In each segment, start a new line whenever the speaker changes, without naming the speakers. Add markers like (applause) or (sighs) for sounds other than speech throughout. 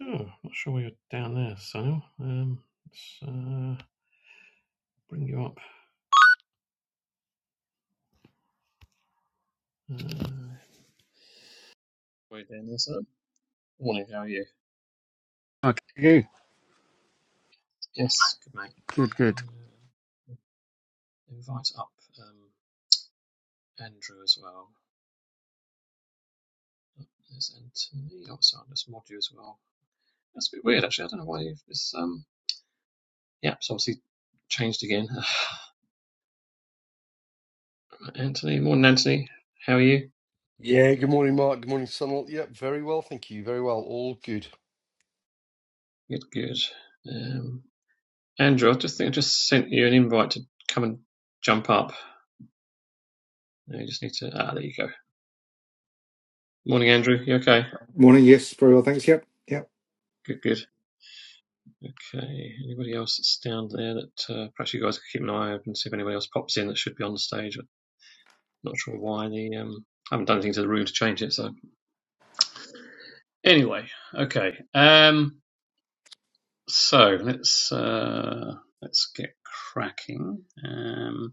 Oh, not sure why you're down there, Sam. Um, let's uh, bring you up. Uh, Way down there, sir. Morning, how are you?
Okay,
Yes, good mate.
good, good,
Uh, invite up um, Andrew as well. There's Anthony. Also, I'll just mod you as well. That's a bit weird, actually. I don't know why you've- it's um. Yeah, it's obviously changed again. (sighs) (laughs) Anthony, morning, Anthony. How are you?
Yeah, good morning, Mark. Good morning, Sunil. Yep, very well, thank you. Very well, all good.
Good, good. Um, Andrew, I just think I just sent you an invite to come and jump up. No, you just need to. Ah, there you go. Morning, Andrew. You okay?
Morning. Yes, very well. Thanks. Yep. Yep.
Good, good. Okay. Anybody else that's down there that uh, perhaps you guys could keep an eye open, see if anybody else pops in that should be on the stage. I'm not sure why the um, I haven't done anything to the room to change it. So anyway, okay. Um, so let's uh, let's get cracking. Um,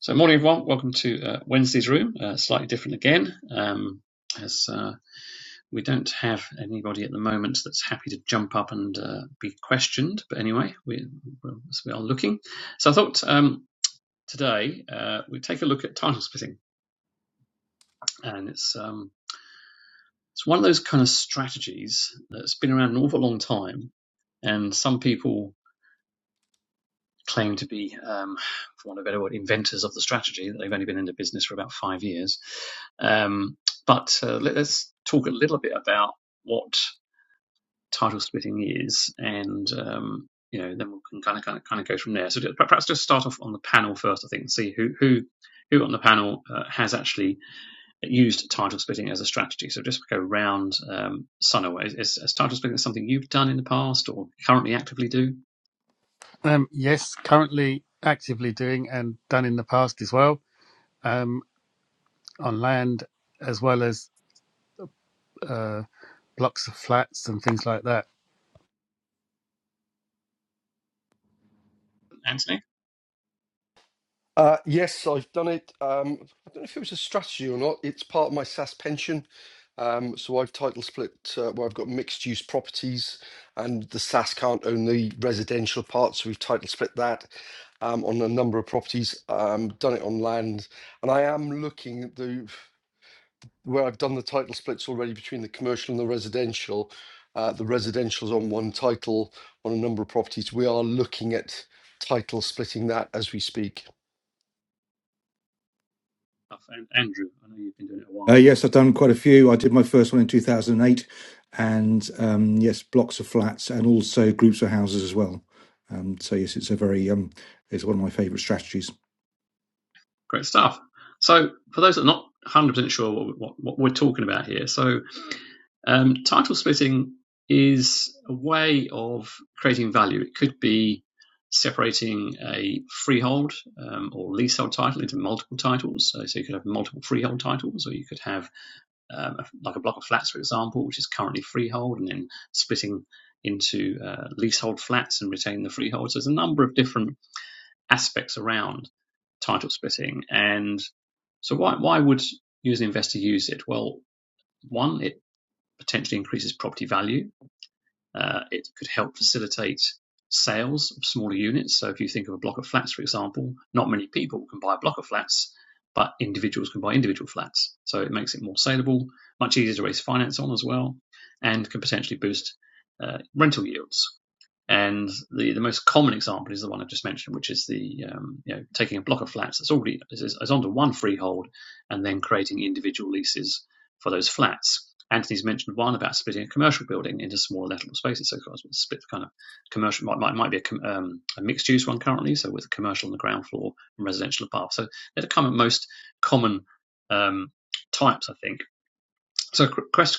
so morning, everyone. Welcome to uh, Wednesday's room. Uh, slightly different again. Um, As uh, We don't have anybody at the moment that's happy to jump up and uh, be questioned, but anyway, we, well, we are looking. So I thought um, today uh, we'd take a look at title splitting, and it's um, it's one of those kind of strategies that's been around an awful long time, and some people claim to be, um, for want of a better word, inventors of the strategy. They've only been into business for about five years, um, but uh, let, us talk a little bit about what title splitting is, and um, you know, then we can kind of kind of kind of go from there. So perhaps just start off on the panel first, I think, and see who who who on the panel uh, has actually used title splitting as a strategy. So just go round um, Sunil. Is, is, is title splitting something you've done in the past or currently actively do,
Um, yes, currently actively doing and done in the past as well um, on land as well as uh, blocks of flats and things like that.
Anthony?
Uh, yes, I've done it. Um, I don't know if it was a strategy or not. It's part of my SAS pension. Um, so I've title split uh, where I've got mixed use properties and the SAS can't own the residential part. So we've title split that um, on a number of properties, um, done it on land. And I am looking at the where I've done the title splits already between the commercial and the residential, uh, the residential's on one title on a number of properties. We are looking at title splitting that as we speak.
And Andrew, I know you've been doing it a while.
Uh, yes, I've done quite a few. I did my first one in 2008, and eight, and um, yes, blocks of flats and also groups of houses as well. Um, so yes, it's a very um, it's one of my favourite strategies.
Great stuff. So, for those that are not 100% sure what, what, what we're talking about here, so um, title splitting is a way of creating value. It could be separating a freehold um, or leasehold title into multiple titles. So, so you could have multiple freehold titles, or you could have um, a, like a block of flats, for example, which is currently freehold, and then splitting into uh, leasehold flats and retaining the freehold. So there's a number of different aspects around title splitting, and so why why would you as an investor use it? Well, one, it potentially increases property value. Uh, it could help facilitate sales of smaller units. So if you think of a block of flats, for example, not many people can buy a block of flats, but individuals can buy individual flats. So it makes it more saleable, much easier to raise finance on as well, and can potentially boost uh, rental yields. And the, the most common example is the one I've just mentioned, which is the um, you know taking a block of flats that's already is, is onto one freehold, and then creating individual leases for those flats. Anthony's mentioned one about splitting a commercial building into smaller lettable spaces. So, of course, split the kind of commercial might might, might be a, um, a mixed use one currently, so with commercial on the ground floor and residential above. So they're the kind of most common um, types, I think. So,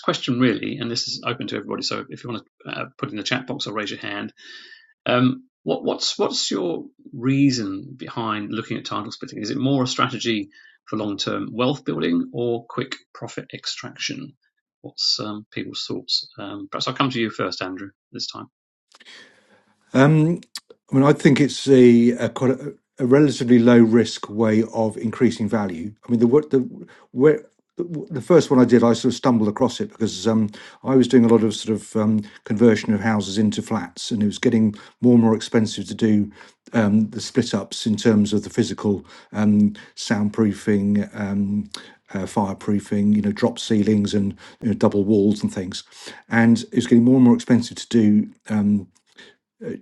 question really, and this is open to everybody. So, if you want to uh, put in the chat box or raise your hand um, what, what's what's your reason behind looking at title splitting? Is it more a strategy for long term wealth building or quick profit extraction? What's um, people's thoughts? Um, perhaps I'll come to you first, Andrew, this time.
Um, I mean, I think it's a, a quite a, a relatively low risk way of increasing value. I mean, the what the where the first one I did, I sort of stumbled across it because um, I was doing a lot of sort of um, conversion of houses into flats, and it was getting more and more expensive to do um, the split ups in terms of the physical um, soundproofing, um, uh, fireproofing, you know, drop ceilings and you know, double walls and things. And it was getting more and more expensive to do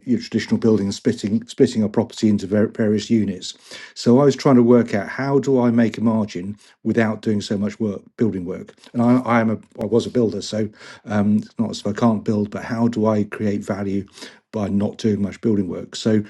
your traditional building, splitting splitting a property into various units. So I was trying to work out how do I make a margin without doing so much work, building work. And I, I am a I was a builder, so um, it's not as if I can't build, but how do I create value by not doing much building work? So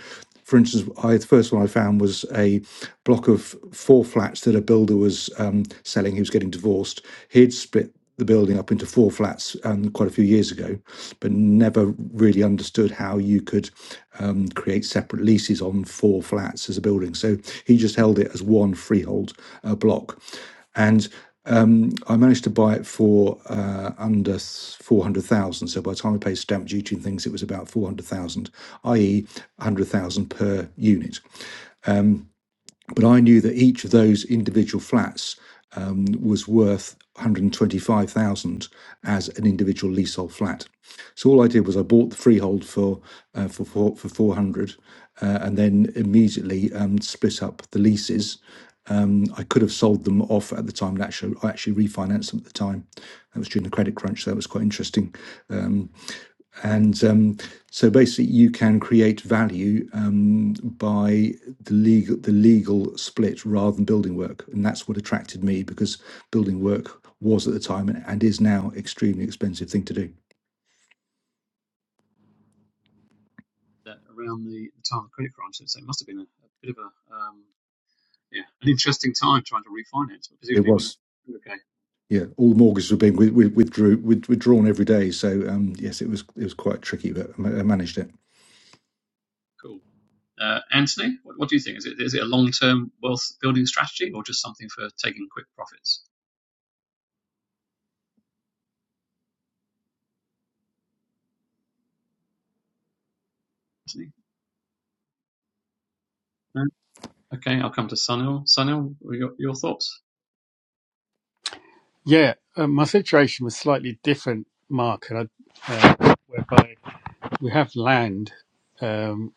for instance, I, the first one I found was a block of four flats that a builder was um, selling. He was getting divorced. He'd split the building up into four flats um, quite a few years ago, but never really understood how you could um, create separate leases on four flats as a building. So he just held it as one freehold uh, block. And I managed to buy it for uh, under four hundred thousand. So by the time I paid stamp duty and things, it was about four hundred thousand, i.e., hundred thousand per unit. But I knew that each of those individual flats was worth one hundred twenty-five thousand as an individual leasehold flat. So all I did was I bought the freehold for uh, for for, for four hundred, uh, and then immediately um, split up the leases I could have sold them off at the time and actually I actually refinanced them at the time. That was during the credit crunch. So that was quite interesting. And um, so basically, you can create value um, by the legal the legal split rather than building work, and that's what attracted me because building work was at the time and, and is now an extremely expensive thing to do.
That around the, the time of the credit crisis, so it must have been a, a bit of a um, yeah an interesting time trying to refinance. But
It
presumably, it went
was.
okay,
Yeah, all mortgages were being withdrew, withdrawn every day. So um, yes, it was it was quite tricky, but I managed it.
cool. Uh, Anthony, what, what do you think? Is it is it a long term wealth building strategy or just something for taking quick profits? Anthony, no, Okay, I'll come to Sunil. Sunil, your, your thoughts?
Yeah, um, my situation was slightly different, Mark, and I, uh, whereby we have land um,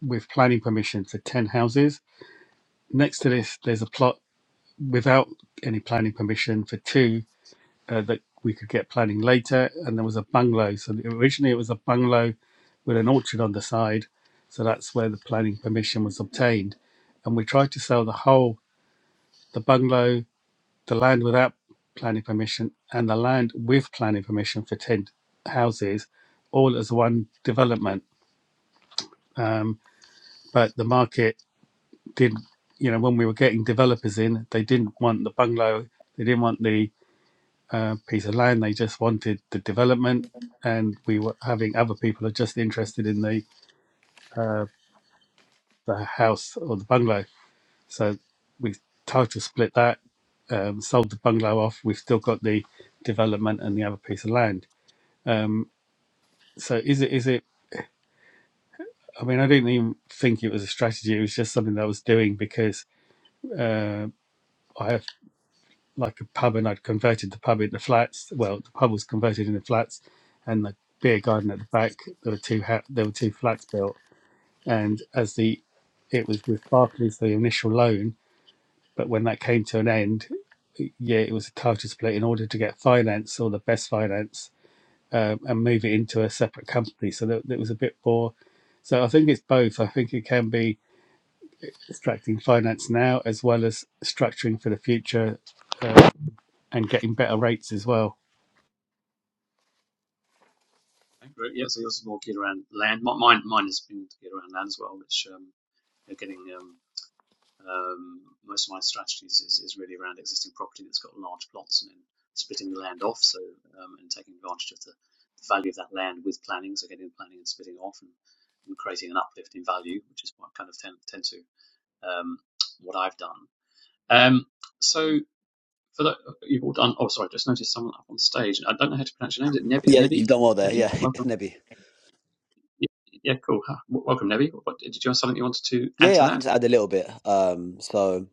with planning permission for 10 houses. Next to this, there's a plot without any planning permission for two uh, that we could get planning later, and there was a bungalow. So originally it was a bungalow with an orchard on the side, so that's where the planning permission was obtained. And we tried to sell the whole, the bungalow, the land without planning permission, and the land with planning permission for ten houses, all as one development. Um, but the market did, you know, when we were getting developers in, they didn't want the bungalow, they didn't want the uh, piece of land. They just wanted the development, and we were having other people are just interested in the uh, the house or the bungalow. So we title split that, um, sold the bungalow off. We've still got the development and the other piece of land. Um, so is it is it? I mean, I didn't even think it was a strategy. It was just something that I was doing because uh, I like a pub, and I'd converted the pub into flats. Well, the pub was converted into flats, and the beer garden at the back. There were two ha- there were two flats built, and as the it was with Barclays the initial loan, but when that came to an end, yeah, it was a title split in order to get finance or the best finance um, and move it into a separate company. So that, that was a bit more. So I think it's both. I think it can be extracting finance now as well as structuring for the future uh, and getting better rates as well.
Okay, great. Yeah, so yours is more geared around land. Mine, mine has been geared around land as well, which um, you know, getting um, um, most of my strategies is, is really around existing property that's got large plots and then splitting the land off, so um, and taking advantage of the, the value of that land with planning, so getting the planning and splitting off and, and creating an uplift in value, which is what I kind of tend, tend to um, what I've done. Um, so for that you've all done. Oh, sorry, I just noticed someone up on stage. I don't know how to pronounce your name. Is it Nebi?
Yeah, you've
Nebi?
done well there. Yeah,
Nebi?
(laughs)
Welcome.
Nebby.
Yeah, yeah, cool. Huh. Welcome, Nebi. what- did you have something you wanted to add
Yeah, yeah,
to
I can
that?
just add a little bit. Um, so.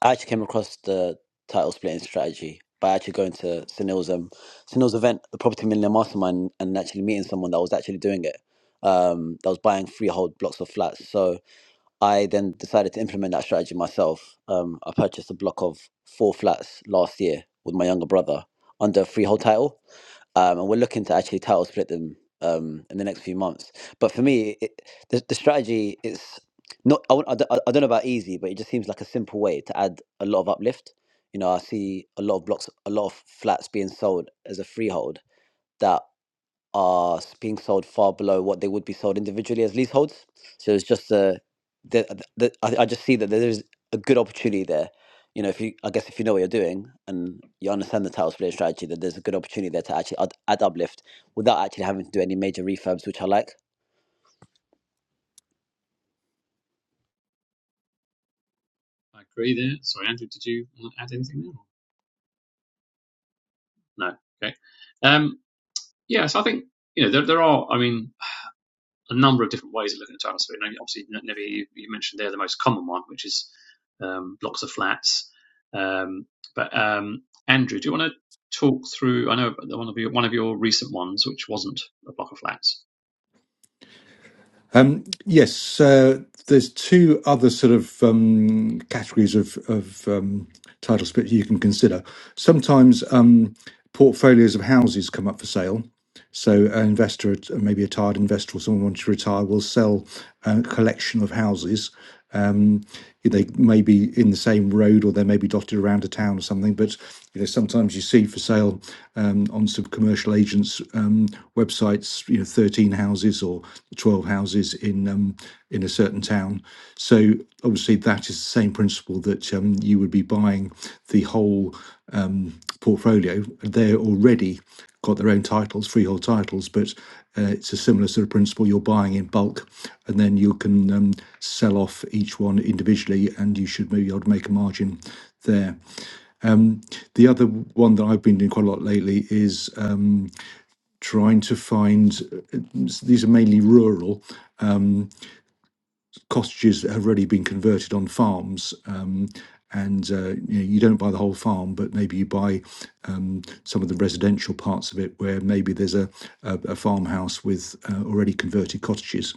I actually came across the title splitting strategy by actually going to Sunil's um Sunil's event, the Property Millionaire Mastermind, and actually meeting someone that was actually doing it. Um, that was buying freehold blocks of flats. So I then decided to implement that strategy myself. Um, I purchased a block of four flats last year with my younger brother under a freehold title, um, and we're looking to actually title split them um, in the next few months. But for me, it, the, the strategy is. Not, I, won't- I, don't, I don't know about easy, but it just seems like a simple way to add a lot of uplift. You know, I see a lot of blocks, a lot of flats being sold as a freehold that are s- being sold far below what they would be sold individually as leaseholds. So it's just a, the, the, I, I just see that there is a good opportunity there. You know, if you, I guess if you know what you're doing and you understand the title split strategy, that there's a good opportunity there to actually add, add uplift without actually having to do any major refurbs, which I like.
I agree there. Sorry, Andrew, did you want to add anything there? No. Okay. Um, yeah, so I think, you know, there, there are, I mean, a number of different ways of looking at tiles. So, you obviously, N- Nevi, you, you mentioned there the most common one, which is um, blocks of flats. Um, but um, Andrew, do you want to talk through? I know one of your one of your recent ones, which wasn't a block of flats.
Um, yes, uh, there's two other sort of um, categories of, of um, title splits you can consider. Sometimes um, portfolios of houses come up for sale. So an investor, maybe a tired investor or someone wanting to retire, will sell a collection of houses they may be in the same road or they may be dotted around a town or something. But you know, sometimes you see for sale um, on some commercial agents' um, websites, you know, 13 houses or 12 houses in um, in a certain town. So obviously, that is the same principle that um, you would be buying the whole um, portfolio. They're already got their own titles, freehold titles, but uh, it's a similar sort of principle. You're buying in bulk, and then you can um, sell off each one individually, and you should maybe be able to make a margin there. The other one that I've been doing quite a lot lately is um, trying to find uh, these are mainly rural cottages that have already been converted on farms. Um, and uh, you, know, you don't buy the whole farm, but maybe you buy some of the residential parts of it where maybe there's a, a, a farmhouse with uh, already converted cottages.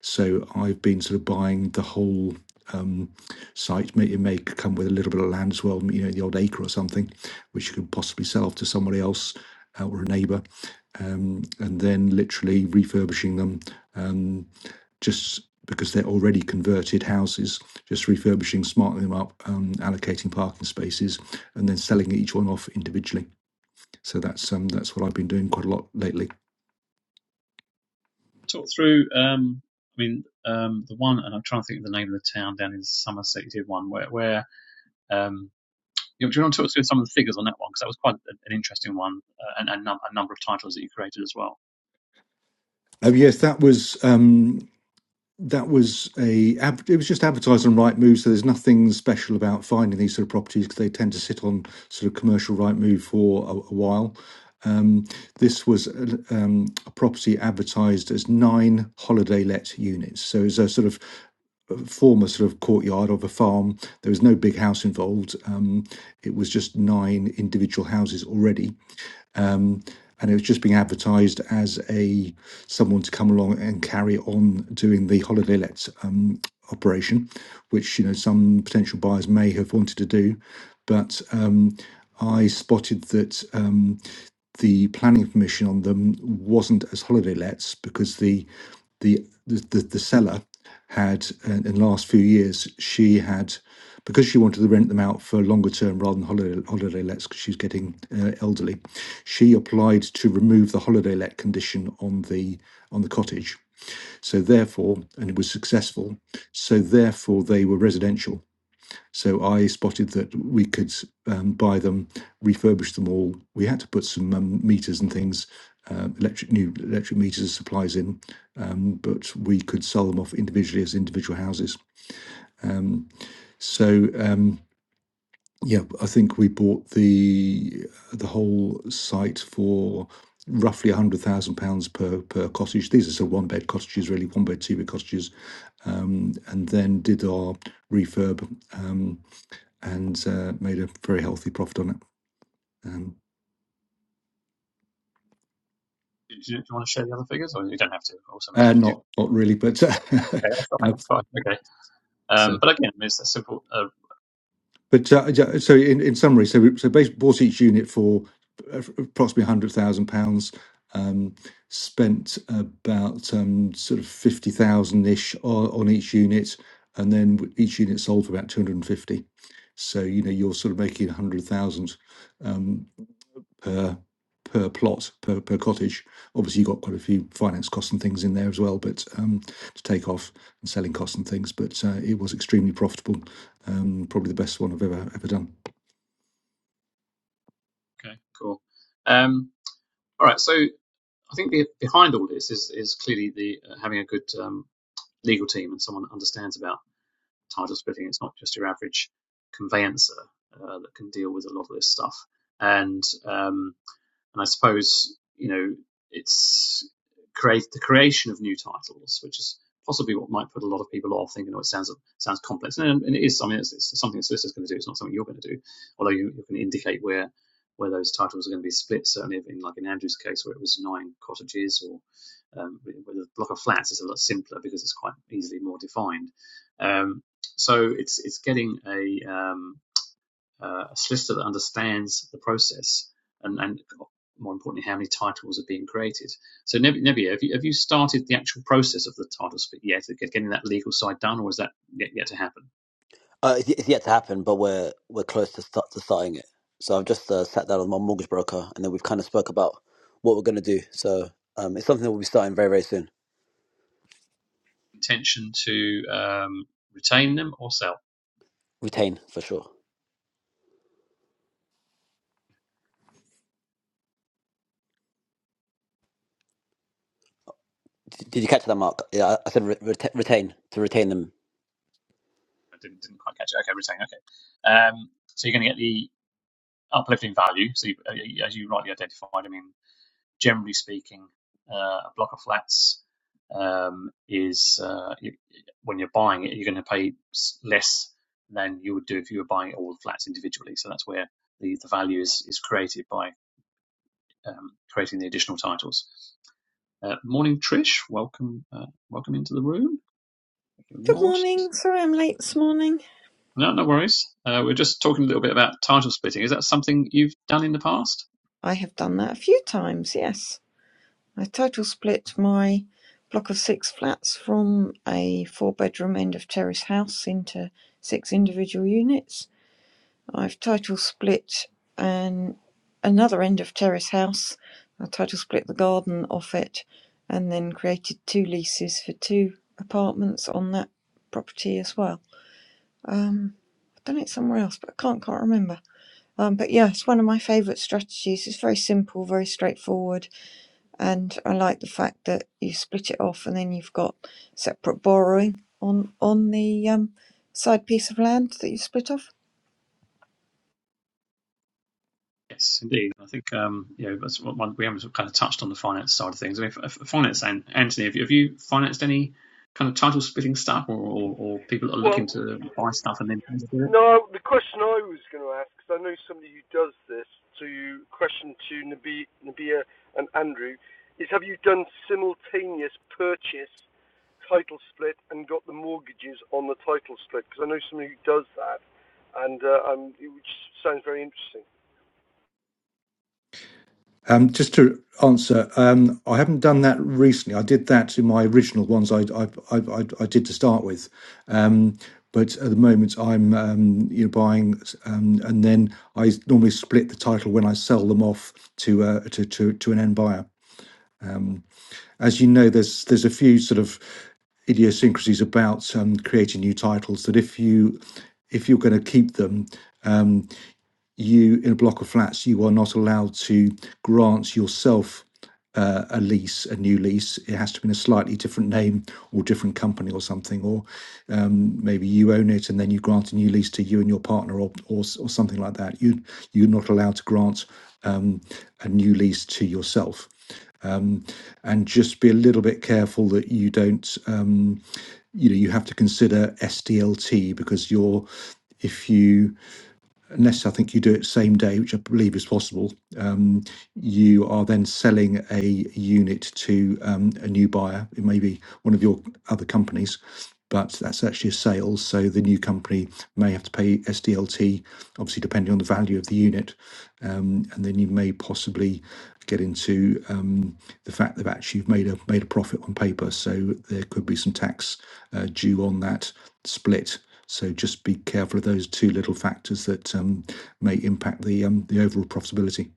So I've been sort of buying the whole um, site. it may come with a little bit of land as well, you know, the odd acre or something, which you could possibly sell off to somebody else uh, or a neighbour, um, and then literally refurbishing them um, just because they're already converted houses, just refurbishing, smartening them up, um, allocating parking spaces, and then selling each one off individually. So that's um, that's what I've been doing quite a lot lately.
Talk through. Um, I mean, um, the one, and I'm trying to think of the name of the town down in Somerset. You did one where, where um, do you want to talk through some of the figures on that one? Because that was quite an an interesting one, uh, and, and num- a number of titles that you created as well.
Oh yes, that was um, that was a ad- it was just advertised on Right Move. So there's nothing special about finding these sort of properties because they tend to sit on sort of commercial Right Move for a, a while. This was a, um, a property advertised as nine holiday let units. So it's a sort of former sort of courtyard of a farm. There was no big house involved. Um, it was just nine individual houses already and it was just being advertised as a someone to come along and carry on doing the holiday let um, operation, which you know some potential buyers may have wanted to do, but um, I spotted that. Um, the planning permission on them wasn't as holiday lets because the the the, the, the seller had uh, in the last few years she had because she wanted to rent them out for longer term rather than holiday holiday lets because she's getting uh, elderly she applied to remove the holiday let condition on the on the cottage so therefore and it was successful so therefore they were residential so I spotted that we could um, buy them, refurbish them all. We had to put some um, meters and things, um electric new electric meters and supplies in, um, but we could sell them off individually as individual houses. Um, so um, yeah, I think we bought the the whole site for roughly a hundred thousand pounds per per cottage. These are still one bed cottages, really one bed two bed cottages, um, and then did our refurb. Um, and uh, made a very healthy profit on it. Um,
Do you, do you want to share the other figures, or you don't have to? Or something's
uh,
up to you.
not not really, but (laughs)
Okay, that's fine.
uh,
That's fine. Okay. Um,
so
but again, it's a simple. Uh,
but uh, yeah, so in, in summary, so we so bas bought each unit for approximately hundred thousand pounds. Um, spent about um, sort of fifty thousand ish on, on each unit, and then w- each unit sold for about two hundred and fifty. So you know you're sort of making a hundred thousand um, per per plot per per cottage. Obviously, you've got quite a few finance costs and things in there as well, but um, to take off and selling costs and things. But uh, it was extremely profitable. Um, probably the best one I've ever ever done.
okay, cool. Um, all right. So I think be, behind all this is is clearly the uh, having a good um, legal team and someone that understands about title splitting. It's not just your average conveyancer uh, that can deal with a lot of this stuff. And um, And I suppose you know it's create the creation of new titles, which is possibly what might put a lot of people off, thinking, "Oh, it sounds sounds complex." And, and it is. something, I mean, it's, it's something the solicitor's going to do. It's not something you're going to do, although you, you can indicate where where those titles are going to be split. Certainly, in like in Andrew's case, where it was nine cottages, or um, with with a block of flats, it's a lot simpler because it's quite easily more defined. Um, so it's it's getting a um, uh, a solicitor that understands the process and, and more importantly, how many titles are being created. So, Neb- have you, have you started the actual process of the title split yet, getting that legal side done, or is that yet, yet to happen?
Uh, it's, it's yet to happen, but we're we're close to start to starting it. So I've just uh, sat down with my mortgage broker, and then we've kind of spoke about what we're going to do. So um, it's something that we'll be starting very very soon.
Intention to um, retain them or sell?
Retain for sure. D- did you catch that, Mark? Yeah, I I said re- reta- retain to retain them
I didn't, didn't quite catch it. Okay, retain. Okay. Um, so, you're going to get the uplift in value. So, you, as you rightly identified, I mean, generally speaking, uh, a block of flats um, is uh, you, when you're buying it, you're going to pay less than you would do if you were buying all the flats individually. So that's where the, the value is, is created by um, creating the additional titles. Uh, morning, Trish. Welcome, uh, welcome into the room. Thank you,
Good
Maud.
morning. Sorry I'm late this morning.
No, no worries. Uh, we're just talking a little bit about title splitting. Is that something you've done in the past?
I have done that a few times, yes. I total split my block of six flats from a four bedroom end of terrace house into six individual units. I've total split an another end of terrace house. I total split the garden off it and then created two leases for two apartments on that property as well. Um, I've done it somewhere else, but I can't quite remember. Um, but yeah, it's one of my favourite strategies. It's very simple, very straightforward, and I like the fact that you split it off and then you've got separate borrowing on on the um, side piece of land that you split off.
Yes, indeed. I think um, you know that's what one, we haven't kind of touched on the finance side of things. I mean, f- f- finance, An- Anthony, have you, have you financed any kind of title splitting stuff, or, or, or people that are
Well,
looking to buy stuff and then do it?
no, the question I was going to ask, because I know somebody who does this, so you question to Nabi, Nabia and Andrew, is have you done simultaneous purchase, title split, and got the mortgages on the title split? Because I know somebody who does that, and uh, um, it- which sounds very interesting.
Um, just to answer, um, I haven't done that recently. I did that in my original ones. I I I, I, I did to start with. Um, but at the moment, I'm um, you know buying, um, and then I normally split the title when I sell them off to uh, to, to to an end buyer. Um, as you know, there's there's a few sort of idiosyncrasies about um, creating new titles that if you if you're going to keep them you in a block of flats you are not allowed to grant yourself uh, a lease a new lease it has to be in a slightly different name or different company or something or um, maybe you own it and then you grant a new lease to you and your partner or or, or something like that you you're not allowed to grant um, a new lease to yourself um, and just be a little bit careful that you don't um, you know you have to consider SDLT because you're if you unless I think you do it same day, which I believe is possible, um, you are then selling a unit to um, a new buyer. It may be one of your other companies, but that's actually a sale. So the new company may have to pay SDLT, obviously depending on the value of the unit, um, and then you may possibly get into um, the fact that actually you've made a made a profit on paper. So there could be some tax uh, due on that split. So just be careful of those two little factors that um, may impact the um, the overall profitability.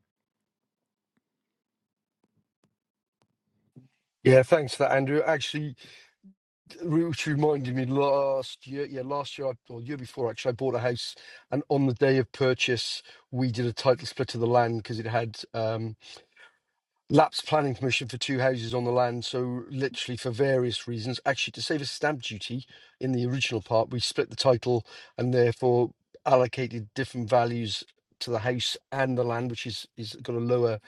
Yeah, thanks for that, Andrew. Actually, which reminded me last year, yeah, last year I- or year before, actually, I bought a house, and on the day of purchase, we did a title split of the land because it had um, lapsed planning permission for two houses on the land. So literally for various reasons, actually to save us stamp duty in the original part, we split the title and therefore allocated different values to the house and the land, which is is got a lower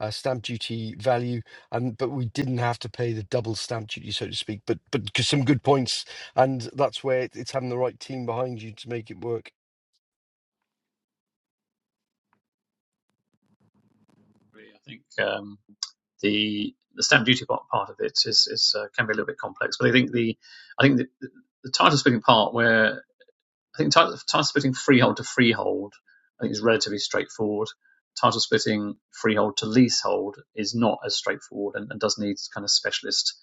uh, stamp duty value. And but we didn't have to pay the double stamp duty, so to speak. But but g- some good points, and that's where it- it's having the right team behind you to make it work.
I think. Um, The the stamp duty part part of it is is uh, can be a little bit complex, but I think the I think the, the title splitting part where I think title, title splitting freehold to freehold I think is relatively straightforward. Title splitting freehold to leasehold is not as straightforward and, and does need kind of specialist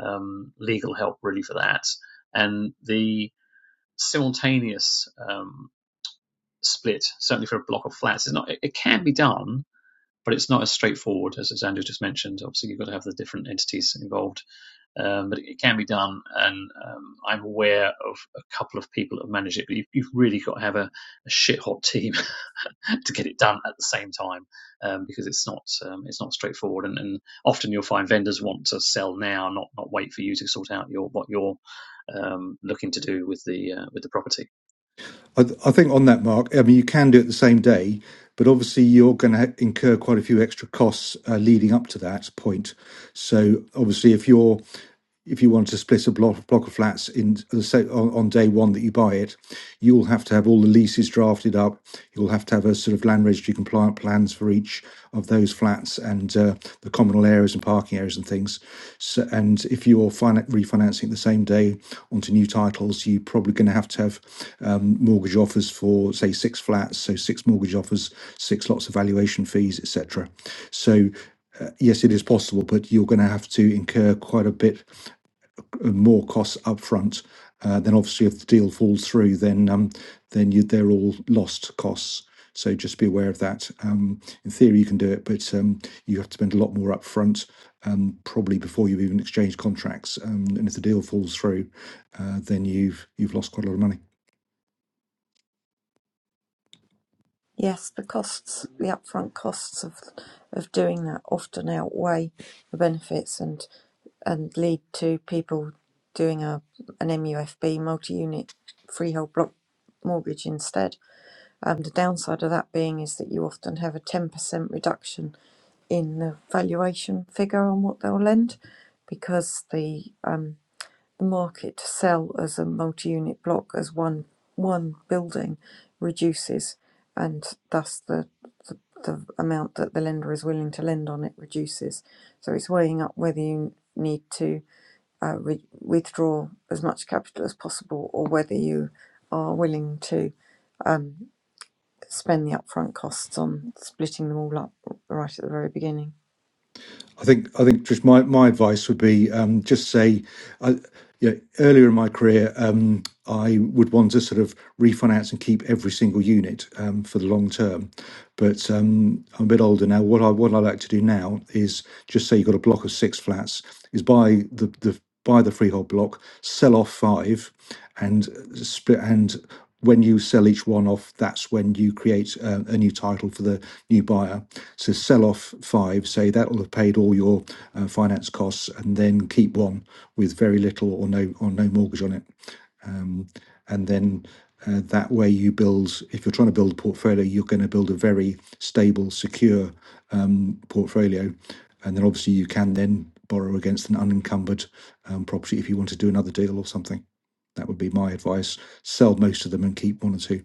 um, legal help really for that. And the simultaneous um, split, certainly for a block of flats, is not. It, it can be done, but it's not as straightforward as, as Andrew just mentioned. Obviously, you've got to have the different entities involved, um, but it can be done. And um, I'm aware of a couple of people that manage it, but you've, you've really got to have a, a shit hot team (laughs) to get it done at the same time um, because it's not um, it's not straightforward. And, and often you'll find vendors want to sell now, not not wait for you to sort out your what you're um, looking to do with the uh, with the property.
I, th- I think on that, Mark, I mean, you can do it the same day, but obviously you're going to incur quite a few extra costs uh, leading up to that point. So obviously, if you're if you want to split a block, block of flats in the on, on day one that you buy it, you'll have to have all the leases drafted up. You'll have to have a sort of land registry compliant plans for each of those flats and uh, the communal areas and parking areas and things. So, and if you're finan- refinancing the same day onto new titles, you're probably going to have to have um, mortgage offers for say six flats, so six mortgage offers, six lots of valuation fees, etc. So uh, yes, it is possible, but you're going to have to incur quite a bit more costs upfront. uh, Then obviously if the deal falls through, then um, then you, they're all lost costs. So Just be aware of that. Um, In theory, you can do it, but um, you have to spend a lot more upfront, um, probably before you've even exchanged contracts. Um, And If the deal falls through, uh, then you've you've lost quite a lot of money.
Yes, the costs, the upfront costs of of doing that often outweigh the benefits and and lead to people doing a an MUFB multi-unit freehold block mortgage instead. Um, the downside of that being is that you often have a 10% reduction in the valuation figure on what they'll lend because the um, the market to sell as a multi-unit block as one one building reduces, and thus the, the the amount that the lender is willing to lend on it reduces. So it's weighing up whether you need to uh, re- withdraw as much capital as possible or whether you are willing to um spend the upfront costs on splitting them all up right at the very beginning.
I think I think Trish, my, my advice would be um, just say, I, you know, earlier in my career, um, I would want to sort of refinance and keep every single unit um, for the long term. But um, I'm a bit older now. What I what I like to do now is just say you've got a block of six flats is buy the, the buy the freehold block, sell off five, and split. And when you sell each one off, that's when you create a, a new title for the new buyer. So sell off five, say that will have paid all your uh, finance costs, and then keep one with very little or no or no mortgage on it, and then. Uh, that way, you build. If you're trying to build a portfolio, you're going to build a very stable, secure portfolio. And then obviously you can then borrow against an unencumbered um, property if you want to do another deal or something. That would be my advice. Sell most of them and keep one or two.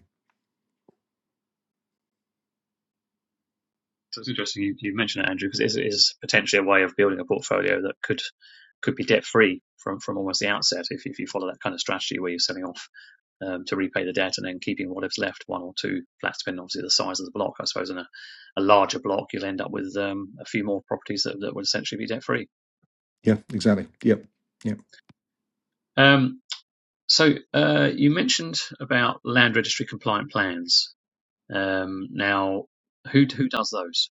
So it's interesting you, you mentioned it, Andrew, because it is, it is potentially a way of building a portfolio that could could be debt free from from almost the outset if if you follow that kind of strategy where you're selling off um, to repay the debt and then keeping what is left, one or two flats, depending obviously the size of the block. I suppose in a, a larger block, you'll end up with um, a few more properties that, that would essentially be debt free.
Yeah, exactly. Yep. Yep.
Um, so uh, you mentioned about land registry compliant plans. Um, now, who who does those?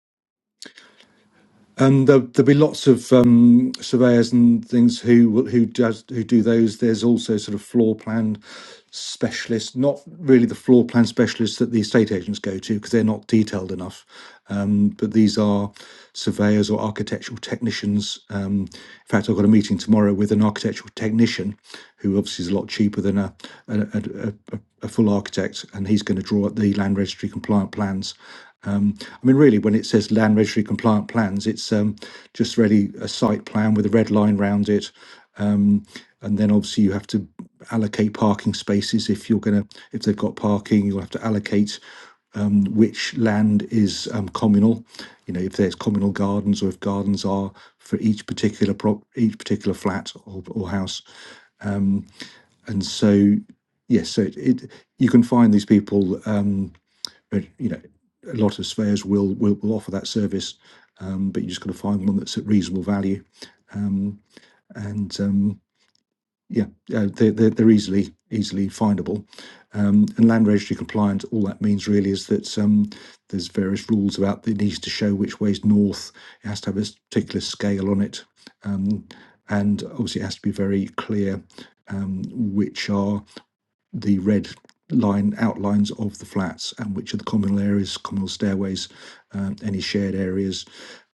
And there, there'll be lots of um, surveyors and things who will- who does who do those. There's also sort of floor plan specialists, not really the floor plan specialists that the estate agents go to because they're not detailed enough. Um, but these are surveyors or architectural technicians. Um, in fact, I've got a meeting tomorrow with an architectural technician, who obviously is a lot cheaper than a a, a, a, a a full architect, and he's going to draw up the land registry compliant plans I mean, really, when it says land registry compliant plans, it's um, just really a site plan with a red line round it, and then obviously you have to allocate parking spaces if you're gonna if they've got parking, you'll have to allocate um, which land is um, communal. You know, if there's communal gardens or if gardens are for each particular prop, each particular flat or, or house, and so yes, so it, it you can find these people. Um, uh, you know, a lot of surveyors will will, will offer that service, um, but you just got to find one that's at reasonable value. Um, and um, yeah, uh, they're, they're, they're easily easily findable. Um, and land registry compliant, all that means really is that um, there's various rules about it needs to show which way's north. It has to have a particular scale on it, um, and obviously it has to be very clear um, which are the red line outlines of the flats and which are the communal areas, communal stairways, um, any shared areas.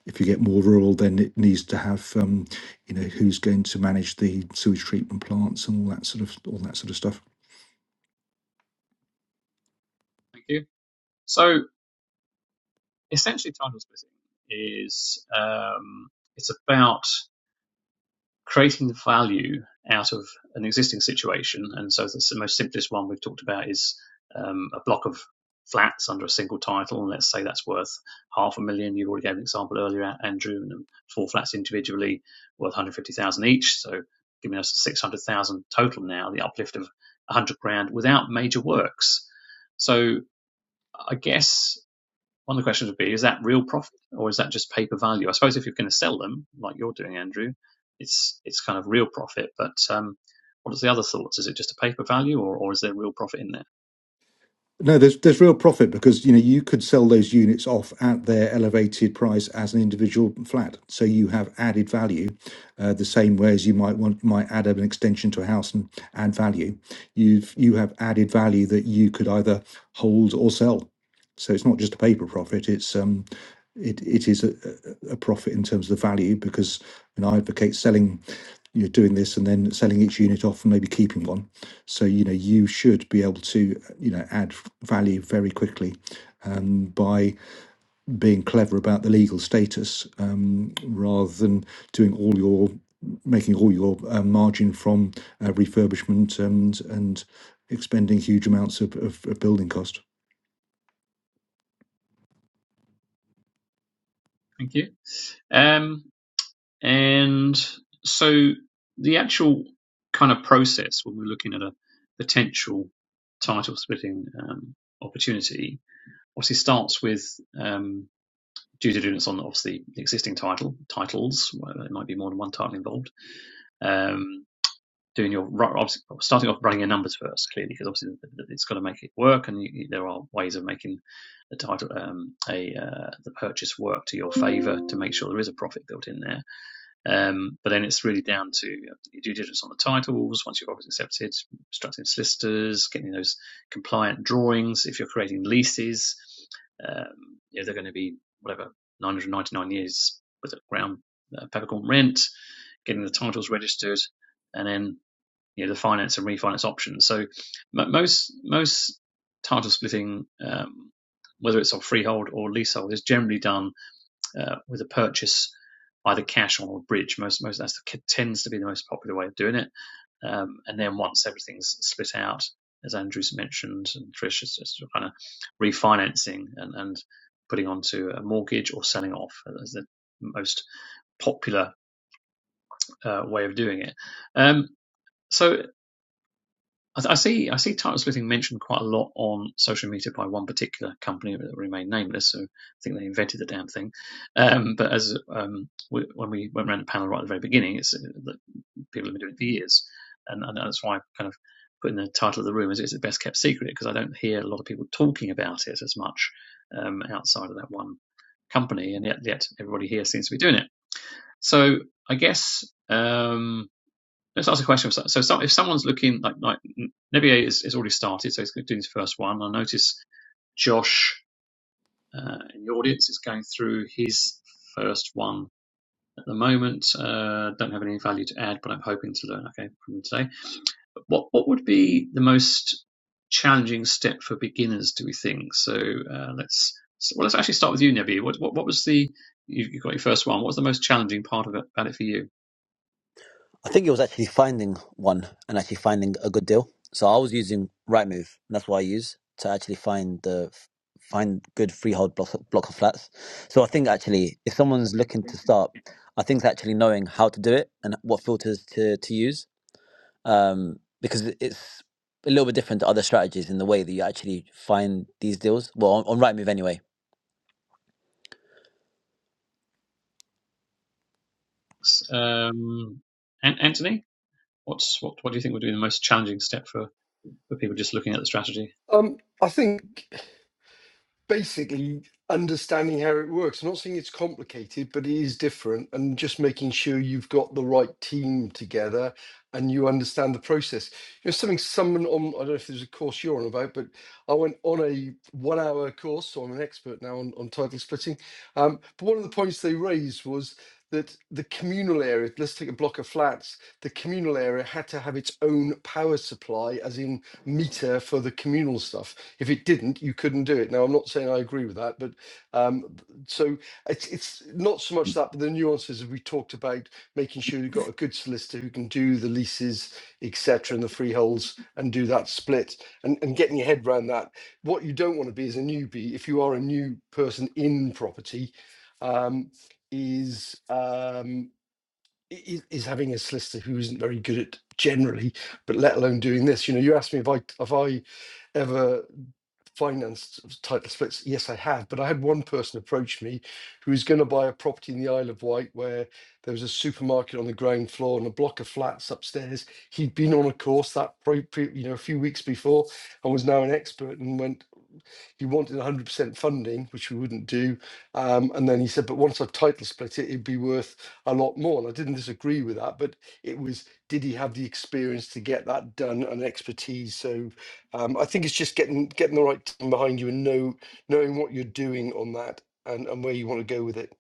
If you get more rural, then it needs to have, um, you know, who's going to manage the sewage treatment plants and all that sort of all that sort of stuff.
Thank you. So essentially title splitting is um, it's about creating value out of an existing situation and so the most simplest one we've talked about is um, a block of flats under a single title and let's say that's worth half a million you already gave an example earlier andrew and four flats individually worth 150000 each so giving us 600000 total now the uplift of 100 grand without major works so i guess one of the questions would be: Is that real profit, or is that just paper value? I suppose if you're going to sell them, like you're doing, Andrew, it's it's kind of real profit. But um, what are the other thoughts? Is it just a paper value, or, or is there real profit in there?
No, there's there's real profit because you know you could sell those units off at their elevated price as an individual flat, so you have added value, uh, the same way as you might want might add an extension to a house and add value. You've you have added value that you could either hold or sell. So it's not just a paper profit; it's um, it it is a, a a profit in terms of the value because and I advocate selling, you know, doing this and then selling each unit off and maybe keeping one so you know you should be able to you know add value very quickly um, by being clever about the legal status um, rather than doing all your making all your uh, margin from uh, refurbishment and and expending huge amounts of, of, of building cost.
Thank you. Um, and so the actual kind of process when we're looking at a potential title splitting um, opportunity obviously starts with um, due diligence on obviously the existing title titles. Well, there might be more than one title involved. Um, doing your ru- obviously well, starting off running your numbers first, clearly, because obviously it's got to make it work, and you, there are ways of making the title um, a uh, the purchase work to your favour to make sure there is a profit built in there. Um, but then it's really down to your due diligence on the titles. Once you've obviously accepted, instructing solicitors, getting those compliant drawings. If you're creating leases, um, you they're going to be whatever 999 years with a ground uh, peppercorn rent, getting the titles registered, and then you know the finance and refinance options. So most most title splitting, um, whether it's on freehold or leasehold, is generally done uh, with a purchase either cash or a bridge. Most most that tends to be the most popular way of doing it. Um, and then once everything's split out, as Andrew's mentioned and Trish is just kind of refinancing and, and putting onto a mortgage or selling off as the most popular uh, way of doing it. Um, so I, I see I see title splitting mentioned quite a lot on social media by one particular company that remained nameless. So I think they invented the damn thing. Um, but as um, we, when we went around the panel right at the very beginning, it's uh, that people have been doing it for years, and, and that's why I kind of put in the title of the room is it's the best kept secret because I don't hear a lot of people talking about it as much um, outside of that one company, and yet yet everybody here seems to be doing it. So I guess. Um, let's ask a question. So, so some, if someone's looking like like Nebier is, is already started, so he's doing his first one. I notice Josh uh, in the audience is going through his first one at the moment. Uh, don't have any value to add, but I'm hoping to learn. Okay, from him today. But what what would be the most challenging step for beginners? Do we think? So uh, let's so, well let's actually start with you, Nebier. What what, what was the you, you got your first one? What was the most challenging part of it about it for you?
I think it was actually finding one and actually finding a good deal. So I was using Rightmove, and that's what I use to actually find the find good freehold block block of flats. So I think actually, if someone's looking to start, I think it's actually knowing how to do it and what filters to to use, um, because it- it's a little bit different to other strategies in the way that you actually find these deals. Well, on, on Rightmove anyway.
Um, Anthony, What's what? What do you think would be the most challenging step for, for people just looking at the strategy?
Um, I think. basically understanding how it works. I'm not saying it's complicated, but it is different, and just making sure you've got the right team together and you understand the process. You know, something someone on I don't know if there's a course you're on about, but I went on a one-hour course, so I'm an expert now on, on title splitting. Um, but one of the points they raised was that the communal area, let's take a block of flats, the communal area had to have its own power supply, as in meter for the communal stuff if it didn't, you couldn't do it. Now, I'm not saying I agree with that, but um, so it's it's not so much that, but the nuances that we talked about, making sure you've got a good solicitor who can do the leases, etc., and the freeholds, and do that split, and and getting your head around that. What you don't want to be as a newbie, if you are a new person in property, um, is um, i- is having a solicitor who isn't very good at generally, but let alone doing this. You know, you asked me if I if I ever finance title splits, yes, I have. But I had one person approach me who was going to buy a property in the Isle of Wight where there was a supermarket on the ground floor and a block of flats upstairs. He'd been on a course that, pre, pre- you know, a few weeks before and was now an expert and went, he wanted 100% funding, which we wouldn't do. Um, and then he said, but once I've title split it, it'd be worth a lot more. And I didn't disagree with that, but it was, did he have the experience to get that done and expertise? So um, I think it's just getting getting the right team behind you and know, knowing what you're doing on that and, and where you want to go with it.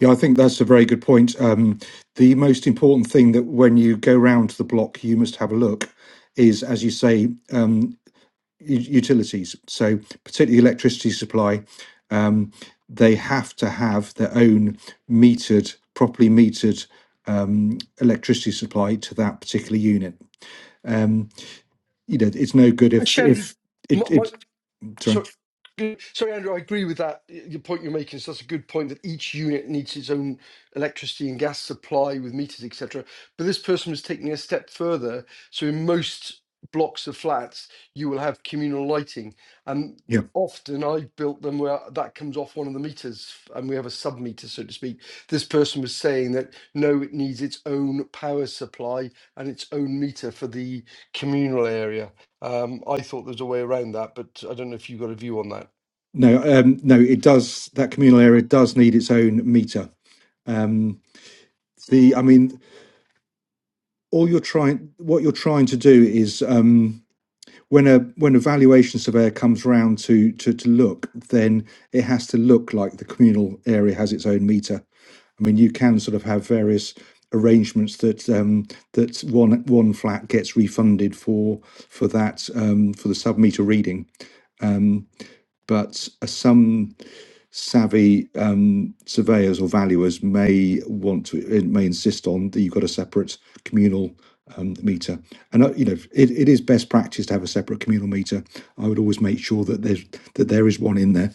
Yeah, I think that's a very good point. Um, the most important thing that when you go round the block, you must have a look is, as you say, um, u- utilities, so particularly electricity supply, um, they have to have their own metered, properly metered um, electricity supply to that particular unit. Um, you know, it's no good
And
if
Shandy,
if
my,
it
my,
it sorry
So, sorry, Andrew, I agree with that. y- Your point you're making is that's a good point that each unit needs its own electricity and gas supply with meters, etc. But this person was taking it a step further. So, in most blocks of flats, you will have communal lighting, and
yeah
often I've built them where that comes off one of the meters, and we have a sub meter, so to speak. This person was saying that no, it needs its own power supply and its own meter for the communal area. Um, I thought there was a way around that, but I don't know if you've got a view on that.
no um, no it does that communal area does need its own meter. Um, the I mean all you're trying what you're trying to do is Um, when a when a valuation surveyor comes round to, to to look, then it has to look like the communal area has its own meter. I mean, you can sort of have various arrangements that um, that one one flat gets refunded for for that um, for the sub meter reading. Um, but uh, some savvy um, surveyors or valuers may want to it may insist on that you've got a separate communal um, meter and uh, you know it, it is best practice to have a separate communal meter i would always make sure that there's that there is one in there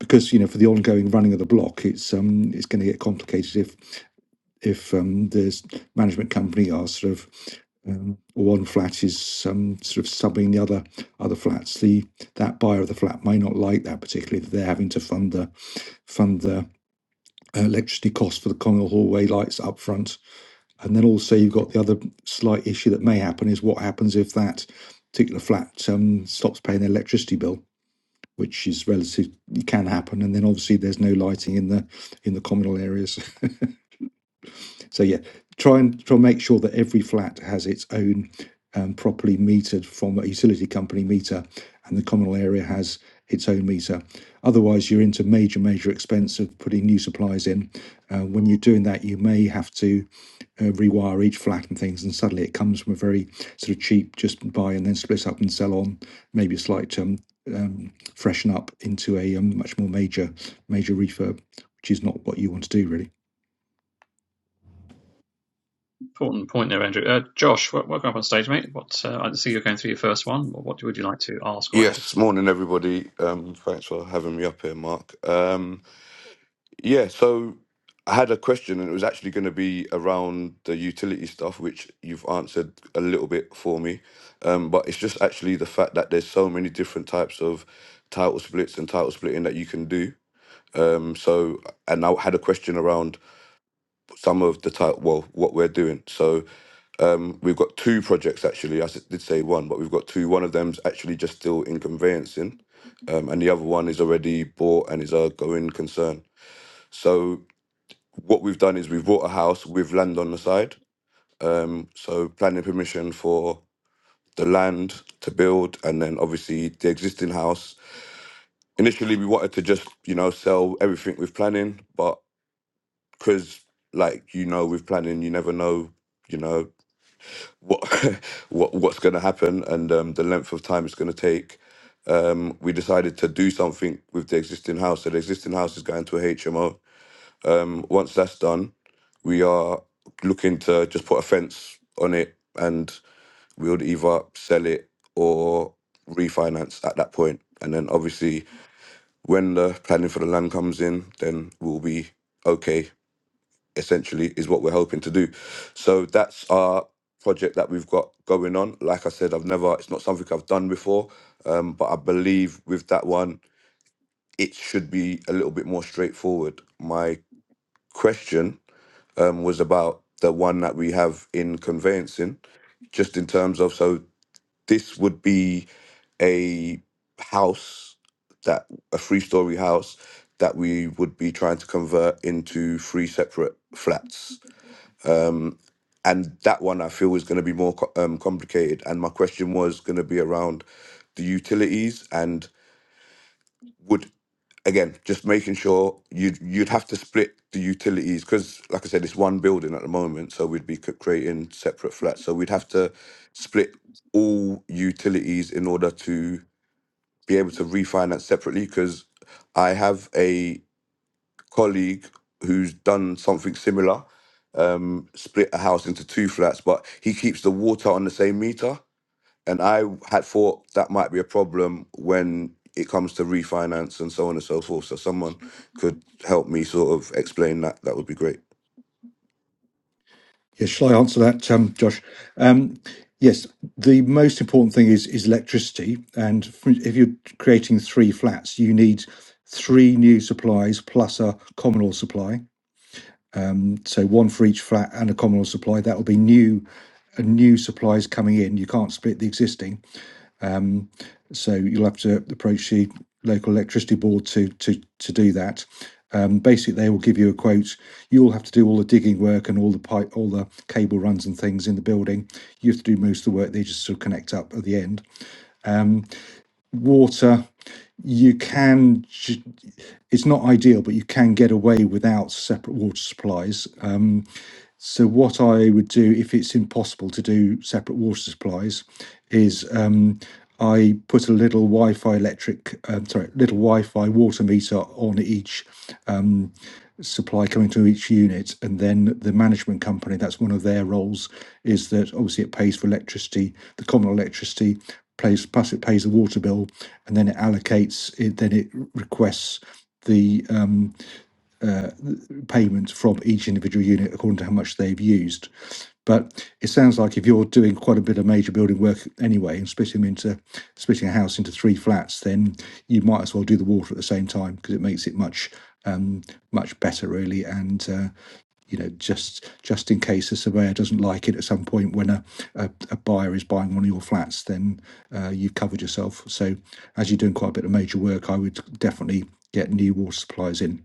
because you know for the ongoing running of the block it's um it's going to get complicated if. if um, the management company are sort of um, one flat is um, sort of subbing the other other flats, the that buyer of the flat may not like that particularly. If they're having to fund the fund the uh, electricity cost for the communal hallway lights up front, and then also you've got the other slight issue that may happen is what happens if that particular flat um, stops paying the electricity bill, which is relative it can happen, and then obviously there's no lighting in the in the communal areas. (laughs) So yeah, try and try and make sure that every flat has its own um, properly metered from a utility company meter, and the communal area has its own meter. Otherwise, you're into major major expense of putting new supplies in. Uh, when you're doing that, you may have to uh, rewire each flat and things, and suddenly it comes from a very sort of cheap, just buy and then split up and sell on, maybe a slight um, um, freshen up into a um, much more major major refurb, which is not what you want to do really.
Important point there, Andrew. Uh, Josh, welcome up on stage, mate. What uh, I see you're going through your first one. What, would you like to ask or add?
Yes, morning everybody. Um, thanks for having me up here, Mark. Um, yeah, so I had a question, and it was actually going to be around the utility stuff, which you've answered a little bit for me. Um, but it's just actually the fact that there's so many different types of title splits and title splitting that you can do. Um, so, and I had a question around some of the title, well, what we're doing. So, um, we've got two projects actually. I s- did say one, but we've got two. One of them's actually just still in conveyancing, um, and the other one is already bought and is a going concern. So what we've done is we've bought a house with land on the side. Um, so planning permission for the land to build, and then obviously the existing house. Initially, we wanted to just you know sell everything with planning, but because like you know with planning, you never know. You know what (laughs) what what's going to happen and um, the length of time it's going to take. Um, we decided to do something with the existing house. So the existing house is going to a HMO. Um, once that's done, we are looking to just put a fence on it, and we'll either sell it or refinance at that point. And then obviously, when the planning for the land comes in, then we'll be okay essentially is what we're hoping to do. So that's our project that we've got going on. Like I said, I've never, it's not something I've done before, um, but I believe with that one, it should be a little bit more straightforward. My question um, was about the one that we have in conveyancing, just in terms of, so this would be a house that, a three story house that we would be trying to convert into three separate flats and that one I feel is going to be more co- um, complicated. And my question was going to be around the utilities and would again just making sure you'd you'd have to split the utilities because, like I said, it's one building at the moment, so we'd be c- creating separate flats. So we'd have to split all utilities in order to be able to refinance separately because I have a colleague who's done something similar, um, split a house into two flats, but he keeps the water on the same meter. And I had thought that might be a problem when it comes to refinance and so on and so forth. So someone could help me sort of explain that. That would be great.
Yeah, shall I answer that, um, Josh? Um, yes, the most important thing is is electricity, and f- if you're creating three flats, you need three new supplies plus a communal supply. Um, so one for each flat and a communal supply. That will be new, uh, new supplies coming in. You can't split the existing. Um, so you'll have to approach the local electricity board to to to do that. Um, basically, they will give you a quote. You'll have to do all the digging work and all the pipe, all the cable runs and things in the building. You have to do most of the work. They just sort of connect up at the end. Water, you can. It's not ideal, but you can get away without separate water supplies. Um, so what I would do if it's impossible to do separate water supplies is um, I put a little Wi-Fi electric, um, sorry, little Wi-Fi water meter on each um, supply coming to each unit, and then the management company. That's one of their roles is that obviously it pays for electricity, the common electricity. Pays, plus it pays the water bill and then it allocates it then it requests the um, uh, payment from each individual unit according to how much they've used. But it sounds like if you're doing quite a bit of major building work anyway and splitting them into splitting a house into three flats, then you might as well do the water at the same time because it makes it much um, much better really. And uh, you know, just just in case the surveyor doesn't like it at some point when a, a, a buyer is buying one of your flats, then uh, you've covered yourself. So as you're doing quite a bit of major work, I would definitely get new water supplies in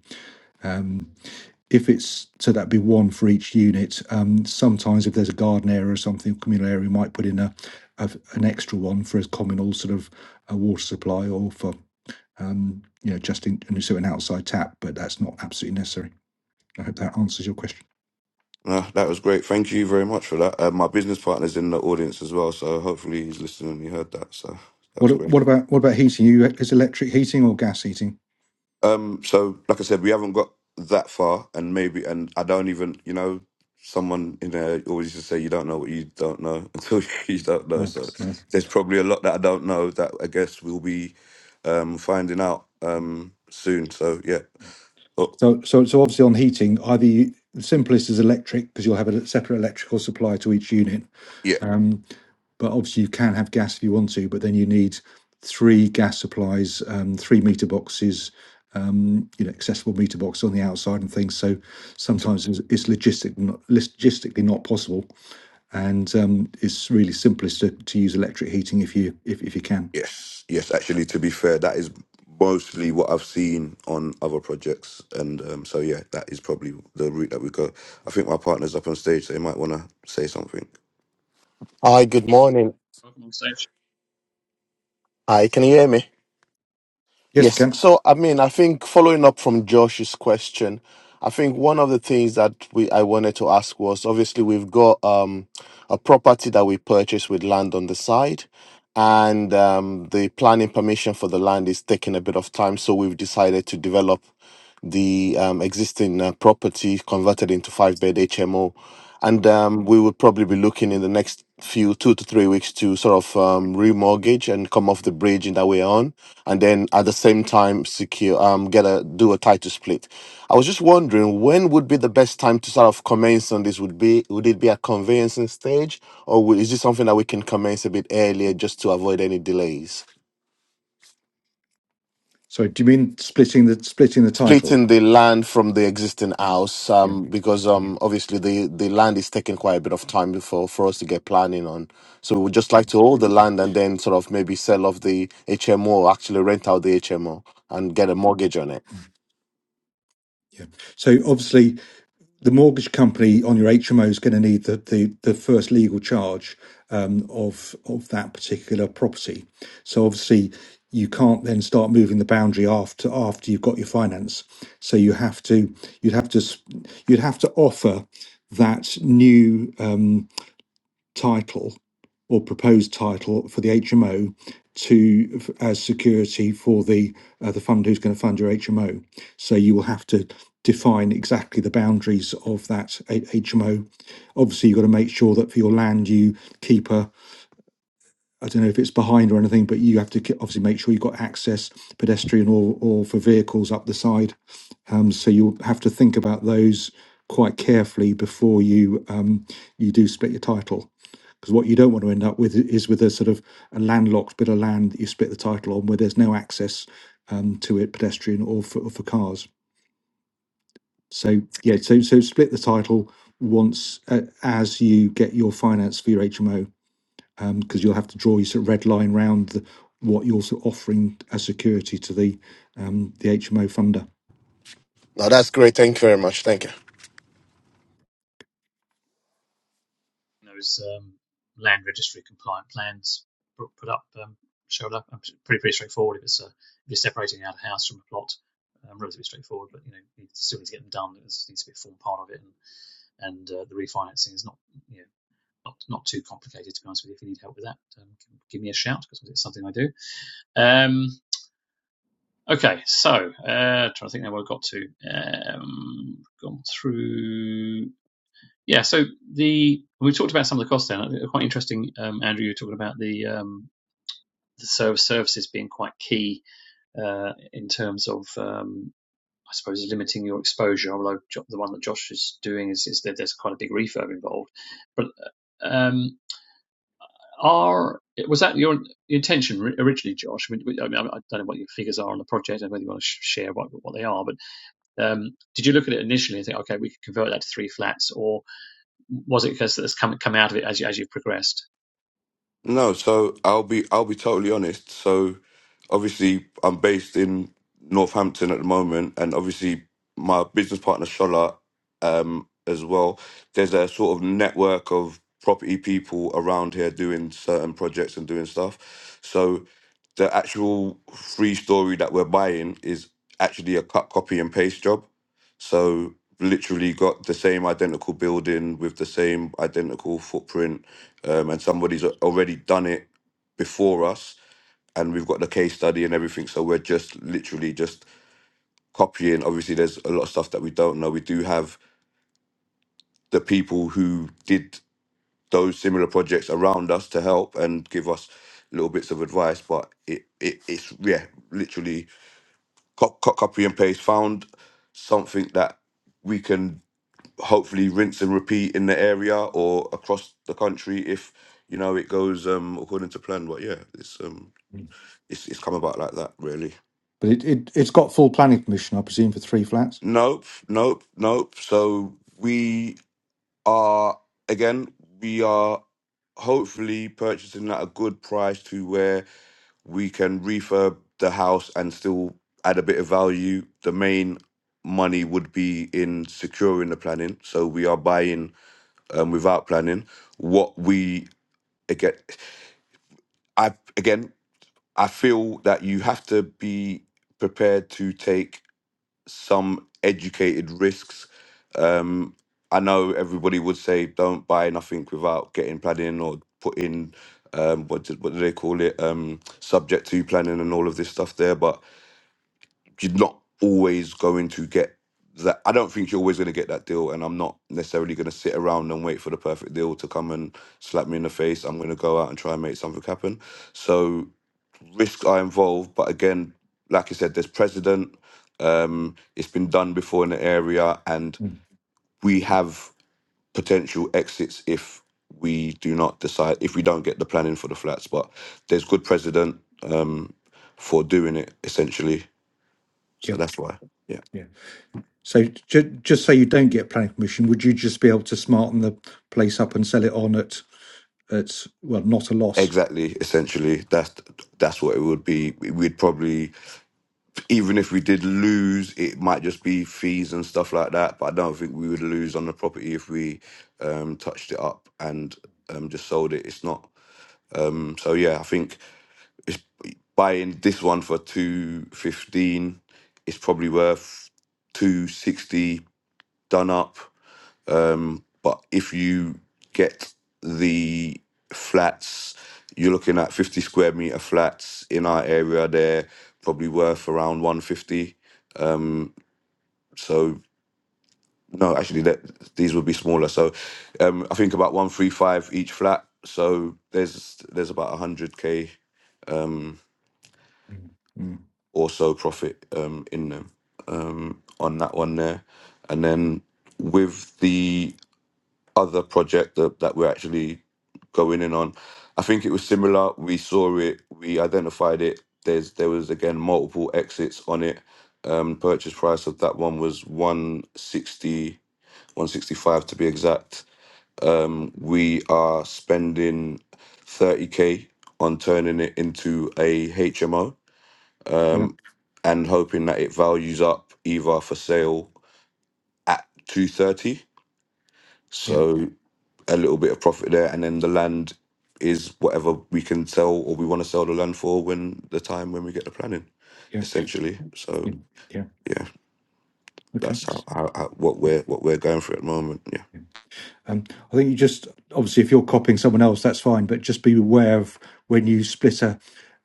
if it's so that'd be one for each unit. Um, sometimes if there's a garden area or something, communal area, we might put in a, a an extra one for a communal sort of a water supply or for um, you know just in and so an outside tap, but that's not absolutely necessary. I hope that answers your question.
No, that was great. Thank you very much for that. Uh, my business partner's in the audience as well, so hopefully he's listening and he heard that. So that was
What
great.
what about what
Thank
about
you.
heating? You is electric heating or gas heating?
Um, so like I said, we haven't got that far, and maybe, and I don't even, you know, someone in there always used to say you don't know what you don't know (laughs) until you don't know.
No,
So
no.
there's probably a lot that I don't know that I guess we'll be um, finding out um, soon. So yeah, oh
So, so, so obviously on heating, either you, the simplest is electric because you'll have a separate electrical supply to each unit.
yeah,
Um, but obviously you can have gas if you want to, but then you need three gas supplies, um, three meter boxes, um, you know, accessible meter box on the outside and things. So
to,
sometimes it's, it's logistic, not, logistically not possible, and um, it's really simplest to, to use electric heating if you if, if you can.
yes, yes. Actually, to be fair, that is mostly what I've seen on other projects, and um, so yeah, that is probably the route that we go. I think my partner's up on stage, so he might want to say something.
Hi, good morning.
Welcome on stage.
Hi, can you hear me?
Yes, we
Yes.
can.
So, I mean, I think following up from Josh's question, I think one of the things that we I wanted to ask was obviously we've got um, a property that we purchased with land on the side, and um, the planning permission for the land is taking a bit of time, so we've decided to develop the um, existing uh, property converted into five bed HMO and um, we would probably be looking in the next few two to three weeks to sort of um, remortgage and come off the bridge in that we're on, and then at the same time secure um, get a do a title split. I was just wondering when would be the best time to sort of commence on this? Would be would it be a conveyancing stage, or would, is this something that we can commence a bit earlier just to avoid any delays?
Sorry, do you mean splitting the splitting the title?
splitting the land from the existing house
Yeah,
um, because
yeah,
um, obviously the, the land is taking quite a bit of time before for us to get planning on. So we would just like to hold the
yeah.
land and then sort of maybe sell off the HMO, actually rent out the HMO and get a mortgage on it.
yeah. So obviously, the mortgage company on your HMO is going to need the, the, the first legal charge um, of of that particular property. So obviously you can't then start moving the boundary after after you've got your finance. So you have to you'd have to s- you'd have to offer that new um, title or proposed title for the HMO to as security for the uh, the fund who's going to fund your HMO. So you will have to define exactly the boundaries of that HMO. Obviously, you've got to make sure that for your land you keep a I don't know if it's behind or anything, but you have to obviously make sure you've got access, pedestrian or, or for vehicles up the side. Um, so you'll have to think about those quite carefully before you um, you do split your title. Because what you don't want to end up with is with a sort of a landlocked bit of land that you split the title on, where there's no access um, to it, pedestrian or for, or for cars. So yeah, so so split the title once uh, as you get your finance for your HMO um, because you'll have to draw your sort of red line round the, what you're sort of offering as security to the um, the HMO funder.
Now that's great. Thank you very much. Thank you.
Those um, land registry compliant plans put up, um, showed up. Um, Pretty pretty straightforward. If it's uh, if you're separating out a house from a plot, um, relatively straightforward. But you know, you still need to get them done. It needs to be a form part of it, and and uh, the refinancing is not you know not, not too complicated, to be honest with you. If you need help with that, um, give me a shout because it's something I do. Um, okay, so uh, trying to think now where I got to. Um, gone through. Yeah, so the we talked about some of the costs. Then Uh, quite interesting, um, Andrew. You were talking about the um, the service services being quite key uh, in terms of. Um, I suppose limiting your exposure, although the one that Josh is doing is, is that there's quite a big refurb involved. But uh, um, Are was that your intention originally, Josh? I mean, I don't know what your figures are on the project and whether you want to share what what they are, but um, did you look at it initially and think, okay, we could convert that to three flats, or was it because that's come come out of it as you as you've progressed?
No, so I'll be I'll be totally honest. So obviously I'm based in Northampton at the moment and obviously my business partner Shola um as well. There's a sort of network of property people around here doing certain projects and doing stuff. So the actual free story that we're buying is actually a cut copy and paste job. So literally got the same identical building with the same identical footprint um, and somebody's a- already done it before us, and we've got the case study and everything. So we're just literally just copying. Obviously, there's a lot of stuff that we don't know. We do have the people who did those similar projects around us to help and give us little bits of advice, but it, it it's yeah, literally co- co- copy and paste. Found something that we can hopefully rinse and repeat in the area or across the country if you know it goes um according to plan but yeah it's um it's, it's come about like that, really.
But it, it, it's got full planning permission, I presume, for three flats.
Nope, nope, nope. So we are again, we are hopefully purchasing at a good price to where we can refurb the house and still add a bit of value. The main money would be in securing the planning. So we are buying um, without planning. What we again, I again, I feel that you have to be prepared to take. some educated risks. Um, I know everybody would say don't buy nothing without getting planning or put in um, what do, what do they call it um, subject to planning and all of this stuff there, but you're not always going to get that. I don't think you're always going to get that deal, and I'm not necessarily going to sit around and wait for the perfect deal to come and slap me in the face. I'm going to go out and try and make something happen. So risk are involved, but again, like I said, there's precedent. Um, it's been done before in the area, and
Mm.
we have potential exits if we do not decide if we don't get the planning for the flats. But there's good precedent um, for doing it essentially, so
Yeah.
that's why. Yeah,
Yeah. So ju- just say you don't get planning permission, would you just be able to smarten the place up and sell it on at at well, not a loss?
exactly. Essentially, that's that's what it would be. We'd probably even if we did lose, it might just be fees and stuff like that. But I don't think we would lose on the property if we um, touched it up and um, just sold it. It's not. Um, so yeah, I think it's buying this one for two fifteen. It's probably worth two sixty done up. Um, but if you get the flats, you're looking at fifty square meter flats in our area. They're probably worth around one fifty So no, actually, that these would be smaller. So um, I think about one three five each flat. So there's there's about hundred k
Mm, mm.
or so profit um, in them um, on that one there, and then with the other project that, that we're actually going in on, I think it was similar. We saw it, we identified it. There's there was again multiple exits on it. Um, purchase price of that one was one sixty one sixty five to be exact Um, We are spending 30K on turning it into a HMO
Yeah,
and hoping that it values up either for sale at 230.
yeah,
So a little bit of profit there. And then the land is whatever we can sell or we want to sell the land for when the time when we get the planning,
yeah,
essentially. So
yeah, yeah.
yeah,
Okay.
that's how, how, how what we're what we're going through at the moment. Yeah.
Um, I think you just obviously if you're copying someone else, that's fine, but just be aware of when you split a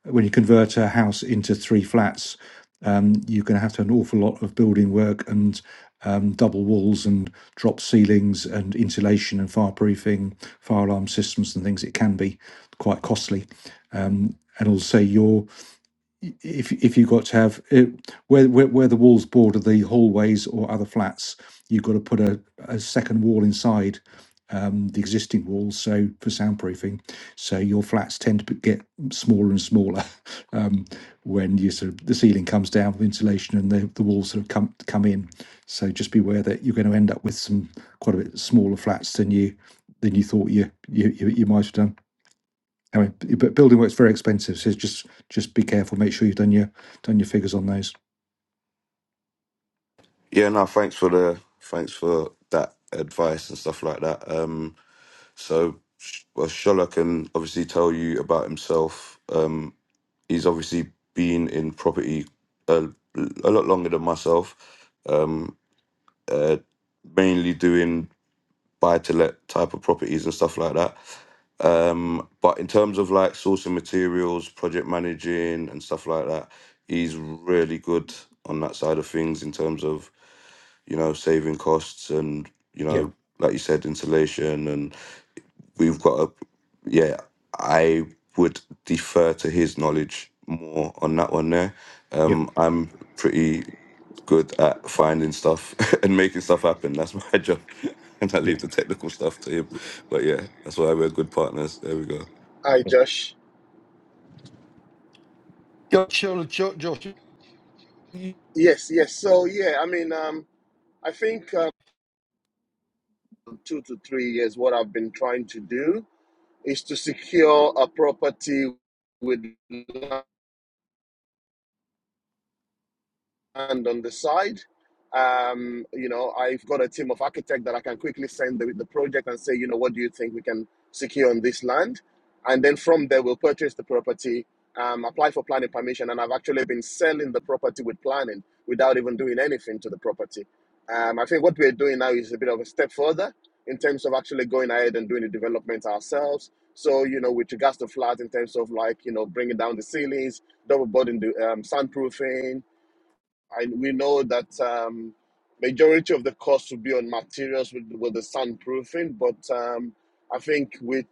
when you convert a house into three flats, um, you're going to have to have an awful lot of building work and um, double walls and drop ceilings and insulation and fireproofing, fire alarm systems and things. It can be quite costly, um, and also your if if you've got to have it, where, where where the walls border the hallways or other flats, you've got to put a, a second wall inside um, the existing walls, so for soundproofing. So your flats tend to be- get smaller and smaller (laughs) um, when you sort of the ceiling comes down with insulation and the, the walls sort of come come in. So just beware that you're going to end up with some quite a bit smaller flats than you than you thought you you you, you might have done. I mean, b- but building work's very expensive, so just just be careful. Make sure you've done your done your figures on those.
Yeah, no, thanks for the thanks for that advice and stuff like that. Um, So, Sh- well, Shola can obviously tell you about himself. Um, he's obviously been in property a, a lot longer than myself, um, uh, mainly doing buy to let type of properties and stuff like that. Um, but in terms of like sourcing materials, project managing, and stuff like that, he's really good on that side of things in terms of you know saving costs and you
Yeah,
know like you said insulation and we've got a yeah i would defer to his knowledge more on that one there
yeah,
um i'm pretty good at finding stuff (laughs) and making stuff happen that's my (laughs) job and i
yeah,
leave the technical stuff to him but yeah that's why we're good partners there we go
Hi, Josh.
Go- Sure, Jo- Josh, you
Yes, yes. So, yeah, I mean, um, I think um, two to three years, what I've been trying to do is to secure a property with And on the side. Um, you know, I've got a team of architects that I can quickly send the, the project and say, you know, what do you think we can secure on this land? And then from there, we'll purchase the property, um, apply for planning permission, and I've actually been selling the property with planning without even doing anything to the property. Um, I think what we're doing now is a bit of a step further in terms of actually going ahead and doing the development ourselves. So, you know, with regards to flats in terms of like, you know, bringing down the ceilings, double boarding the um, soundproofing, I, we know that um, majority of the cost will be on materials with, with the sunproofing, but um, I think with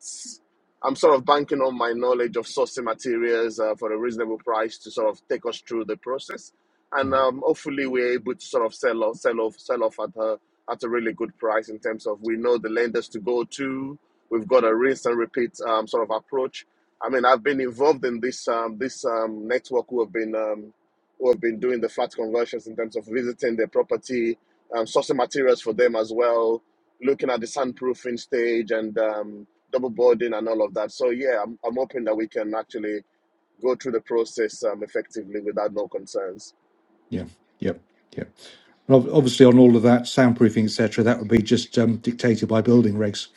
I'm sort of banking on my knowledge of sourcing materials uh, for a reasonable price to sort of take us through the process, and
mm,
um, hopefully we're able to sort of sell off, sell off, sell off at a at a really good price in terms of we know the lenders to go to. We've got a rinse and repeat um, sort of approach. I mean, I've been involved in this um, this um, network who have been um, who have been doing the flat conversions in terms of visiting their property, um, sourcing materials for them as well, looking at the soundproofing stage and um, double boarding and all of that. So yeah, I'm, I'm hoping that we can actually go through the process um, effectively without no concerns.
yeah, yeah, yeah. And ob- obviously, on all of that soundproofing, etc., that would be just um, dictated by building regs.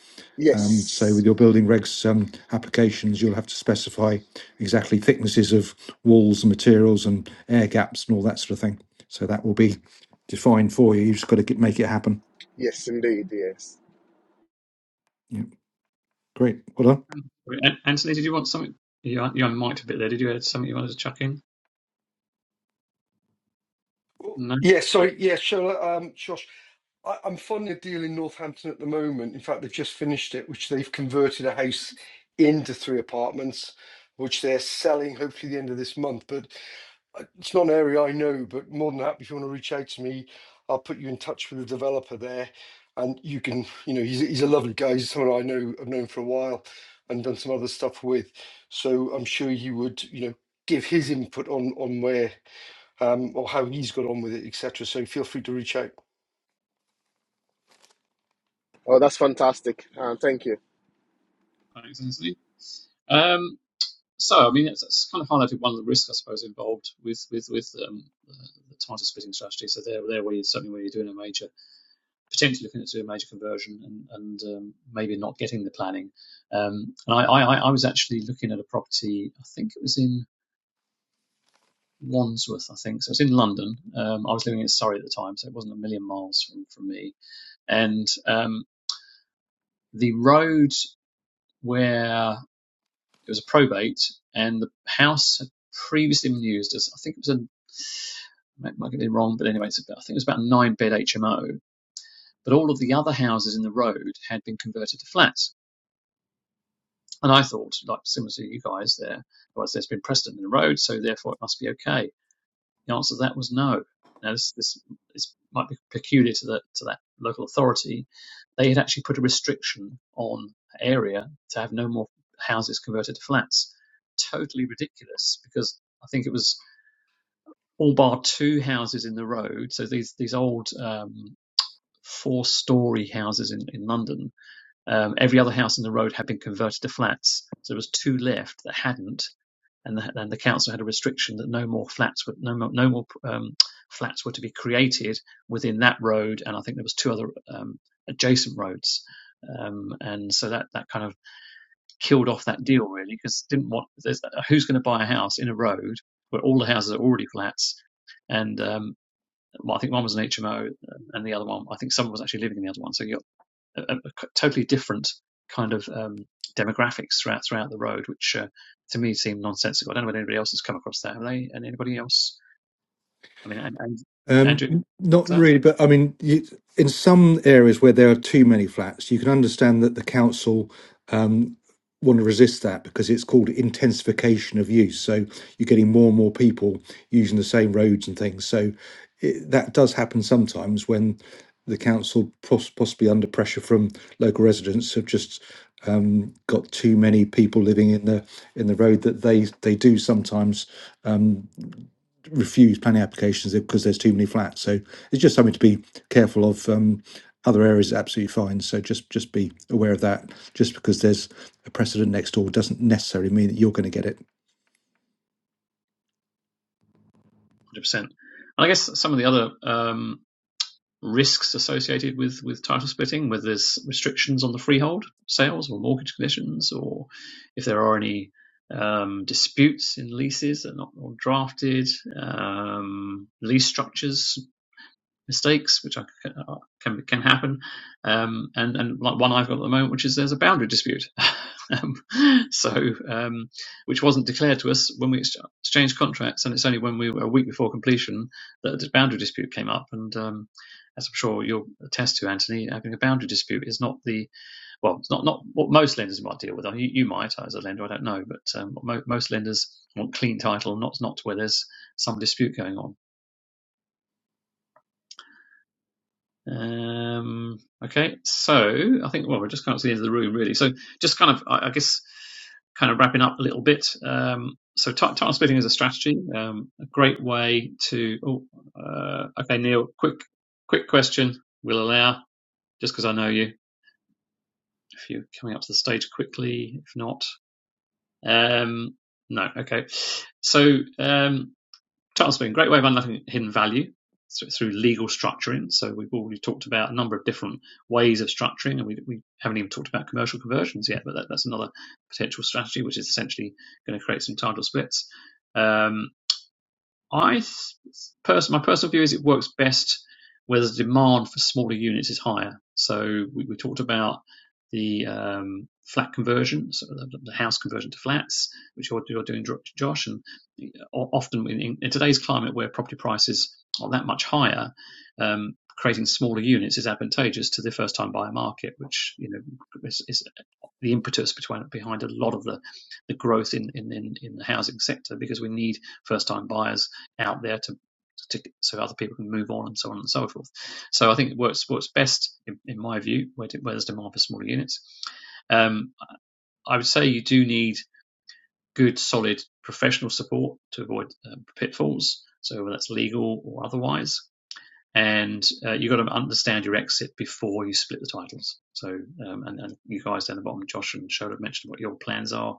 Um, so with
Yes,
your building regs um, applications, you'll have to specify exactly thicknesses of walls and materials and air gaps and all that sort of thing. So that will be defined for you. You've just got to get, make it happen.
yes, indeed, yes.
Yeah, great. Well done.
Um, An- Anthony, did you want something? You un- you unmiked a bit there. Did you have something you wanted to chuck in? No.
Yeah,
Okay,
sorry. Yeah, sure. Um, Josh, I, I'm funding a deal in Northampton at the moment. In fact, they've just finished it, which they've converted a house into three apartments, which they're selling hopefully the end of this month. But uh, it's not an area I know, but more than that, if you want to reach out to me, I'll put you in touch with the developer there. And you can, you know, he's, a- he's a lovely guy. He's someone I know, I've known for a while and done some other stuff with. So I'm sure you would, you know, give his input on on where um, or how he's got on with it, etc. So feel free to reach out.
Oh, that's fantastic. Uh, thank you.
Thanks, Anthony. Um, so I mean it's, it's kind of highlighted one of the risks I suppose involved with with with um, uh, the tighter splitting strategy. So there there where you certainly where you're doing a major potentially looking at doing a major conversion and and um, maybe not getting the planning. Um, and I, I I I was actually looking at a property I think it was in Wandsworth I think so it's in London. Um, I was living in Surrey at the time so it wasn't a million miles from from me. And um, the road where it was a probate and the house had previously been used as I think it was a might, might be wrong, but anyway, it's about, I think it was about a nine bed HMO. But all of the other houses in the road had been converted to flats. And I thought, like similar to you guys there, well, there's been precedent in the road, so therefore it must be okay. The answer to that was no. Now this this is, might be peculiar to that to that local authority. They had actually put a restriction on the area to have no more houses converted to flats. Totally ridiculous because I think it was all bar two houses in the road. So these these old um, four-storey houses in, in London. Um, every other house in the road had been converted to flats. So there was two left that hadn't, and the, and the council had a restriction that no more flats were no more, no more um, flats were to be created within that road. And I think there was two other um, adjacent roads. Um, and so that, that kind of killed off that deal really because didn't want there's, uh, who's going to buy a house in a road where all the houses are already flats and um, well, I think one was an HMO and the other one I think someone was actually living in the other one so you a, a c- totally different kind of um, demographics throughout throughout the road, which uh, to me seemed nonsensical. I don't know whether anybody else has come across that. Have they? And anybody else? I mean, and, and
Um,
Andrew, is
not
that one
really, but I mean, you, in some areas where there are too many flats, you can understand that the council want to resist that because it's called intensification of use. So you're getting more and more people using the same roads and things. So it, that does happen sometimes when the council, poss- possibly under pressure from local residents, have just um, got too many people living in the in the road that they they do sometimes refuse planning applications because there's too many flats. So it's just something to be careful of. Um, other areas are absolutely fine. So just just be aware of that. Just because there's a precedent next door doesn't necessarily mean that you're going to get it.
hundred percent. And I guess some of the other um, risks associated with with title splitting, whether there's restrictions on the freehold sales or mortgage conditions, or if there are any um, disputes in leases that are not all drafted, um, lease structures mistakes, which I, uh, can can happen, um, and and like one I've got at the moment, which is there's a boundary dispute, (laughs) um, so um, which wasn't declared to us when we ex- exchanged contracts, and it's only when we were a week before completion that the boundary dispute came up, and um, as I'm sure you'll attest to, Anthony, having a boundary dispute is not the well, it's not not what most lenders might deal with. You, you might as a lender, I don't know, but um, mo- most lenders want clean title, not not where there's some dispute going on. Um, okay, so I think well, we're just kind of to the end of the room, really. So just kind of, I, I guess, kind of wrapping up a little bit. Um, so ti- time splitting is a strategy, um, a great way to. Oh, uh, okay, Neil, quick, quick question. We'll allow just because I know you. If you're coming up to the stage quickly, if not, um, no. Okay, so. Um, Tailspin, great way of unlocking hidden value through legal structuring. So we've already talked about a number of different ways of structuring, and we, we haven't even talked about commercial conversions yet, but that, that's another potential strategy, which is essentially going to create some title splits. Um, I person my personal view is it works best where the demand for smaller units is higher. So we, we talked about the um, flat conversion, so the, the house conversion to flats, which you're, you're doing, Josh, and often in, in, in today's climate where property prices are that much higher, um, creating smaller units is advantageous to the first-time buyer market, which you know is, is the impetus between, behind a lot of the, the growth in, in, in, in the housing sector because we need first time buyers out there to, to so other people can move on and so on and so forth. So I think it works works best in, in my view where, where there's demand for smaller units. Um, I would say you do need good, solid professional support to avoid um, pitfalls. So whether that's legal or otherwise, and uh, you've got to understand your exit before you split the titles. So, um, and, and you guys down the bottom, Josh and Shola have mentioned what your plans are,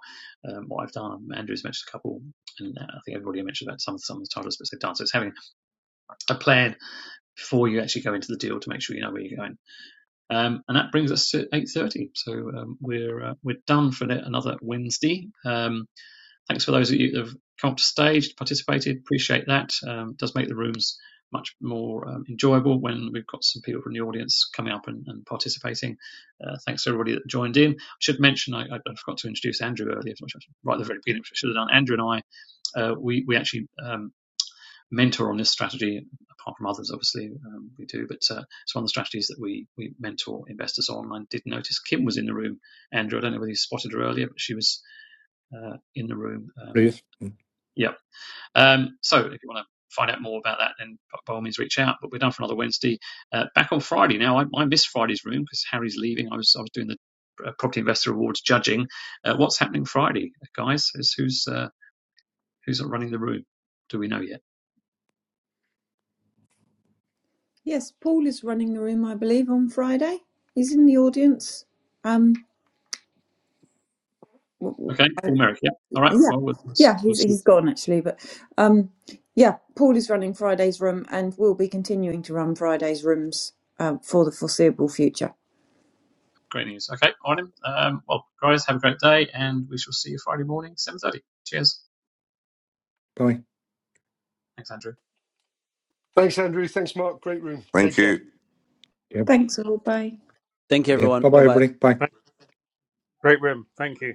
um, what I've done. Andrew's mentioned a couple, and uh, I think everybody mentioned about some some of the titles that they've done. So it's having a plan before you actually go into the deal to make sure you know where you're going. Um, and that brings us to 8:30. So um, we're uh, we're done for another Wednesday. Um, Thanks for those of you that have come up to stage, participated. Appreciate that. Um, it does make the rooms much more um, enjoyable when we've got some people from the audience coming up and, and participating. Uh, thanks to everybody that joined in. I should mention, I, I forgot to introduce Andrew earlier, right at the very beginning, which I should have done. Andrew and I, uh, we, we actually um, mentor on this strategy, apart from others, obviously, um, we do, but uh, it's one of the strategies that we, we mentor investors on. I did notice Kim was in the room. Andrew, I don't know whether you spotted her earlier, but she was uh, in the room. Um,
Please. Mm.
yeah, um, so if you want to find out more about that, then by all means reach out. But we're done for another Wednesday. Uh, back on Friday now. I, I missed Friday's room because Harry's leaving. I was I was doing the uh, Property Investor Awards judging. Uh, what's happening Friday, guys? Is who's uh, who's running the room? Do we know yet?
Yes, Paul is running the room, I believe, on Friday. He's in the audience. Um,
Okay, Paul Merrick. Yeah. All right.
yeah,
Well, we'll,
yeah,
we'll
he's
see.
he's gone actually, but um, yeah, Paul is running Friday's room, and will be continuing to run Friday's rooms um, for the foreseeable future.
Great news. Okay, on him. Um, well, guys, have a great day, and we shall see you Friday morning, seven thirty. Cheers.
Bye.
Thanks, Andrew.
Thanks, Andrew. Thanks, Mark. Great room. Take
thank
care.
you
Yeah.
Thanks, all. Bye.
Thank you,
Yeah. Bye
everyone. Bye
bye,
bye.
everybody. Bye.
Great room. Thank you.